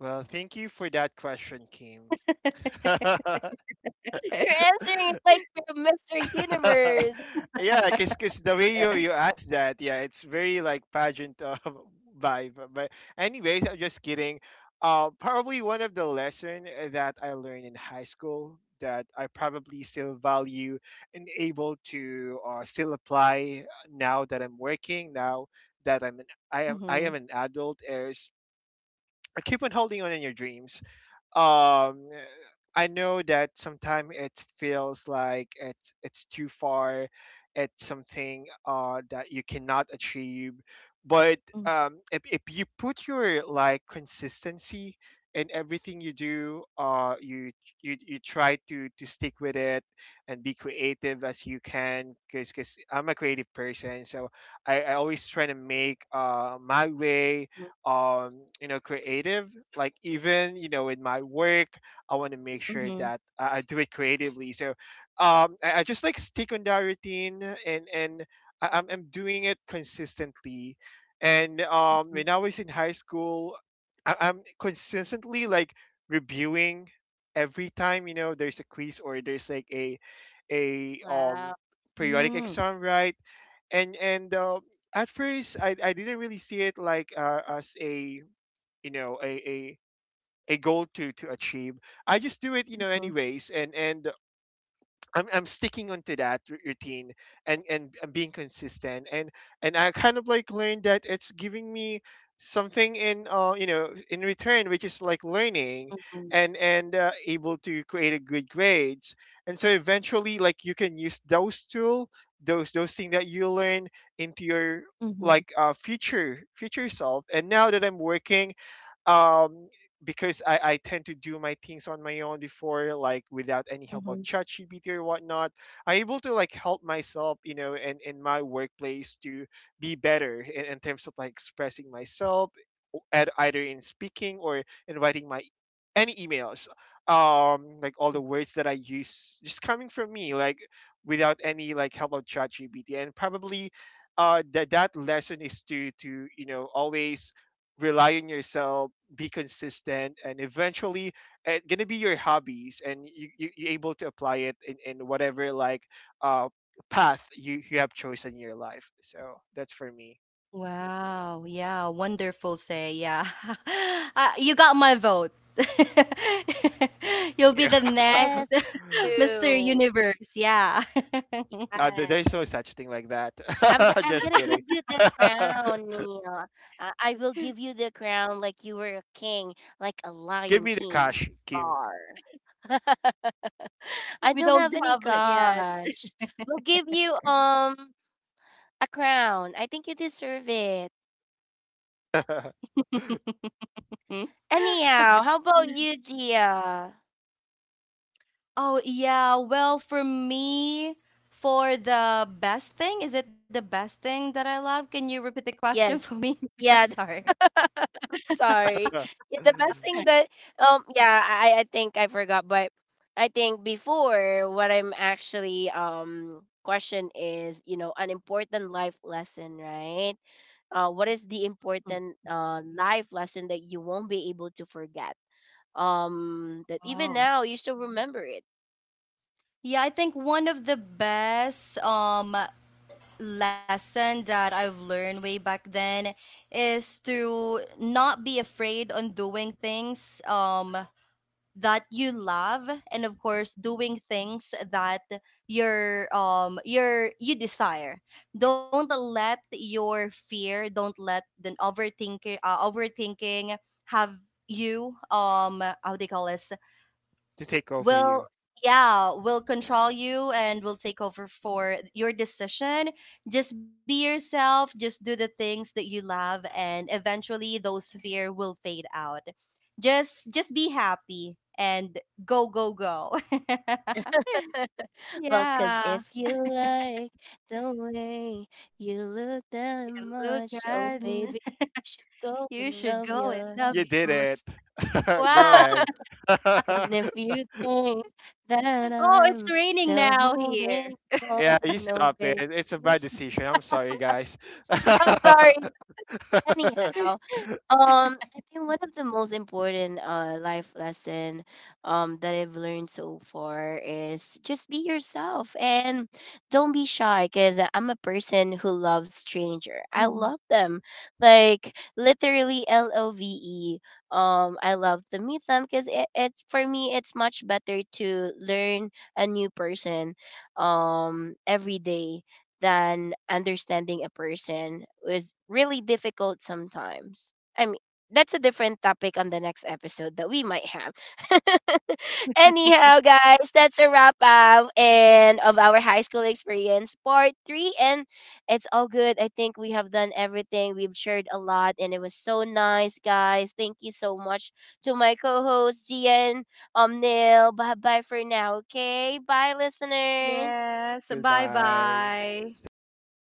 [SPEAKER 2] Well, thank you for that question, Kim.
[SPEAKER 1] You're answering it like you're Mr. Universe.
[SPEAKER 2] Yeah, 'cause the way you ask that, yeah, it's very like pageant vibe. But anyways, I'm just kidding. Probably one of the lesson that I learned in high school that I probably still value and able to still apply now that I'm working, now that I am
[SPEAKER 3] Mm-hmm.
[SPEAKER 2] an adult is, keep on holding on in your dreams. um I know that sometimes it feels like it's too far, it's something that you cannot achieve. But
[SPEAKER 3] Mm-hmm.
[SPEAKER 2] if you put your like consistency in everything you do, you you try to stick with it and be creative as you can, because I'm a creative person, so I always try to make my way you know creative, like even you know in my work I want to make sure
[SPEAKER 3] Mm-hmm.
[SPEAKER 2] that I do it creatively. So I just like stick on that routine and I'm doing it consistently. And when I was in high school, I'm consistently like reviewing every time, you know, there's a quiz or there's like a
[SPEAKER 1] Wow.
[SPEAKER 2] periodic
[SPEAKER 3] Mm-hmm.
[SPEAKER 2] exam, right? And at first I didn't really see it like as a, you know, a goal to achieve. I just do it, you know, anyways, and I'm sticking onto that routine and I'm being consistent, and I kind of like learned that it's giving me something in, you know, in return, which is like learning,
[SPEAKER 3] Mm-hmm.
[SPEAKER 2] and able to create a good grades. And so eventually like you can use those tool, those thing that you learn into your like future self. And now that I'm working, um because I tend to do my things on my own before, like without any help of
[SPEAKER 3] Mm-hmm.
[SPEAKER 2] ChatGPT or whatnot, I able to like help myself, you know, and in my workplace to be better in terms of like expressing myself, at either in speaking or in writing my any emails. Like all the words that I use just coming from me, like without any like help of ChatGPT. And probably that lesson is to you know, always rely on yourself, be consistent, and eventually it's gonna be your hobbies, and you're able to apply it in whatever like uh path you have chosen in your life. So that's for me.
[SPEAKER 3] Wow. Yeah. Wonderful say. Yeah. Uh, you got my vote. You'll be
[SPEAKER 2] Yeah,
[SPEAKER 3] the next
[SPEAKER 1] Yes,
[SPEAKER 3] Mr.
[SPEAKER 1] too.
[SPEAKER 3] Universe. Yeah.
[SPEAKER 2] there's
[SPEAKER 1] Yes.
[SPEAKER 2] no such thing like that.
[SPEAKER 1] I'm
[SPEAKER 2] Just
[SPEAKER 1] gonna give
[SPEAKER 2] kidding.
[SPEAKER 1] you the crown, Neil. I will give you the crown like you were a king, like a
[SPEAKER 2] Give
[SPEAKER 1] lion
[SPEAKER 2] me the
[SPEAKER 1] king.
[SPEAKER 2] cash, Kim.
[SPEAKER 1] Roar. I
[SPEAKER 3] We
[SPEAKER 1] don't
[SPEAKER 3] don't
[SPEAKER 1] have any
[SPEAKER 3] have it. Yeah.
[SPEAKER 1] gosh. We'll give you a crown. I think you deserve it.
[SPEAKER 2] To
[SPEAKER 1] Anyhow, how about you, Gia?
[SPEAKER 3] Oh, yeah. Well, for me, for the best thing, is it the best thing that I love? Can you repeat the question for
[SPEAKER 1] Yes.
[SPEAKER 3] me? I'm
[SPEAKER 1] Yeah.
[SPEAKER 3] sorry.
[SPEAKER 1] Sorry. Yeah, the best thing that yeah, I think I forgot, but I think before what I'm actually question is, you know, an important life lesson, right? Uh, what is the
[SPEAKER 3] Mm.
[SPEAKER 1] important life lesson that you won't be able to forget? Um, that even
[SPEAKER 3] Oh.
[SPEAKER 1] now you still remember it.
[SPEAKER 3] Yeah, I think one of the best lesson that I've learned way back then is to not be afraid on doing things. Um, that you love, and of course doing things that you desire. Don't let the overthinking, overthinking have you, um, how they call it,
[SPEAKER 2] take over you.
[SPEAKER 3] will, yeah, will control you and will take over for your decision. Just be yourself, just do the things that you love, and eventually those fear will fade out. Just be happy and go go go.
[SPEAKER 1] Well, cause
[SPEAKER 3] Yeah,
[SPEAKER 1] if you like the way you look
[SPEAKER 3] you
[SPEAKER 1] that
[SPEAKER 3] look good.
[SPEAKER 1] much, oh baby, you should
[SPEAKER 3] You
[SPEAKER 1] go
[SPEAKER 3] should
[SPEAKER 1] and
[SPEAKER 3] go
[SPEAKER 1] love
[SPEAKER 3] and love
[SPEAKER 1] yourself.
[SPEAKER 2] You did
[SPEAKER 3] yours.
[SPEAKER 2] it.
[SPEAKER 3] Wow.
[SPEAKER 2] Go ahead.
[SPEAKER 1] And if you think that
[SPEAKER 3] Oh, it's
[SPEAKER 1] I'm
[SPEAKER 3] raining
[SPEAKER 1] still
[SPEAKER 3] now
[SPEAKER 1] holding
[SPEAKER 3] here.
[SPEAKER 1] on,
[SPEAKER 2] Yeah, you
[SPEAKER 1] no,
[SPEAKER 2] stop it,
[SPEAKER 1] baby,
[SPEAKER 2] it's a
[SPEAKER 1] you
[SPEAKER 2] bad
[SPEAKER 1] should.
[SPEAKER 2] decision, I'm sorry, guys.
[SPEAKER 1] I'm sorry. Anyhow. I think one of the most important life lesson that I've learned so far is just be yourself and don't be shy because I'm a person who loves stranger. I
[SPEAKER 3] Mhm.
[SPEAKER 1] love them. Like literally love. I love to meet them because it for me it's much better to learn a new person every day than understanding a person is really difficult sometimes. I mean, that's a different topic on the next episode that we might have. Anyhow, guys, that's a wrap up and of our high school experience part three, and it's all good. I think we have done everything. We've shared a lot, and it was so nice, guys. Thank you so much to my co-host Gian, Neil. Bye bye for now. Okay, bye, listeners.
[SPEAKER 3] Yes. Bye
[SPEAKER 2] Goodbye.
[SPEAKER 3] bye.
[SPEAKER 2] Sad. Bye.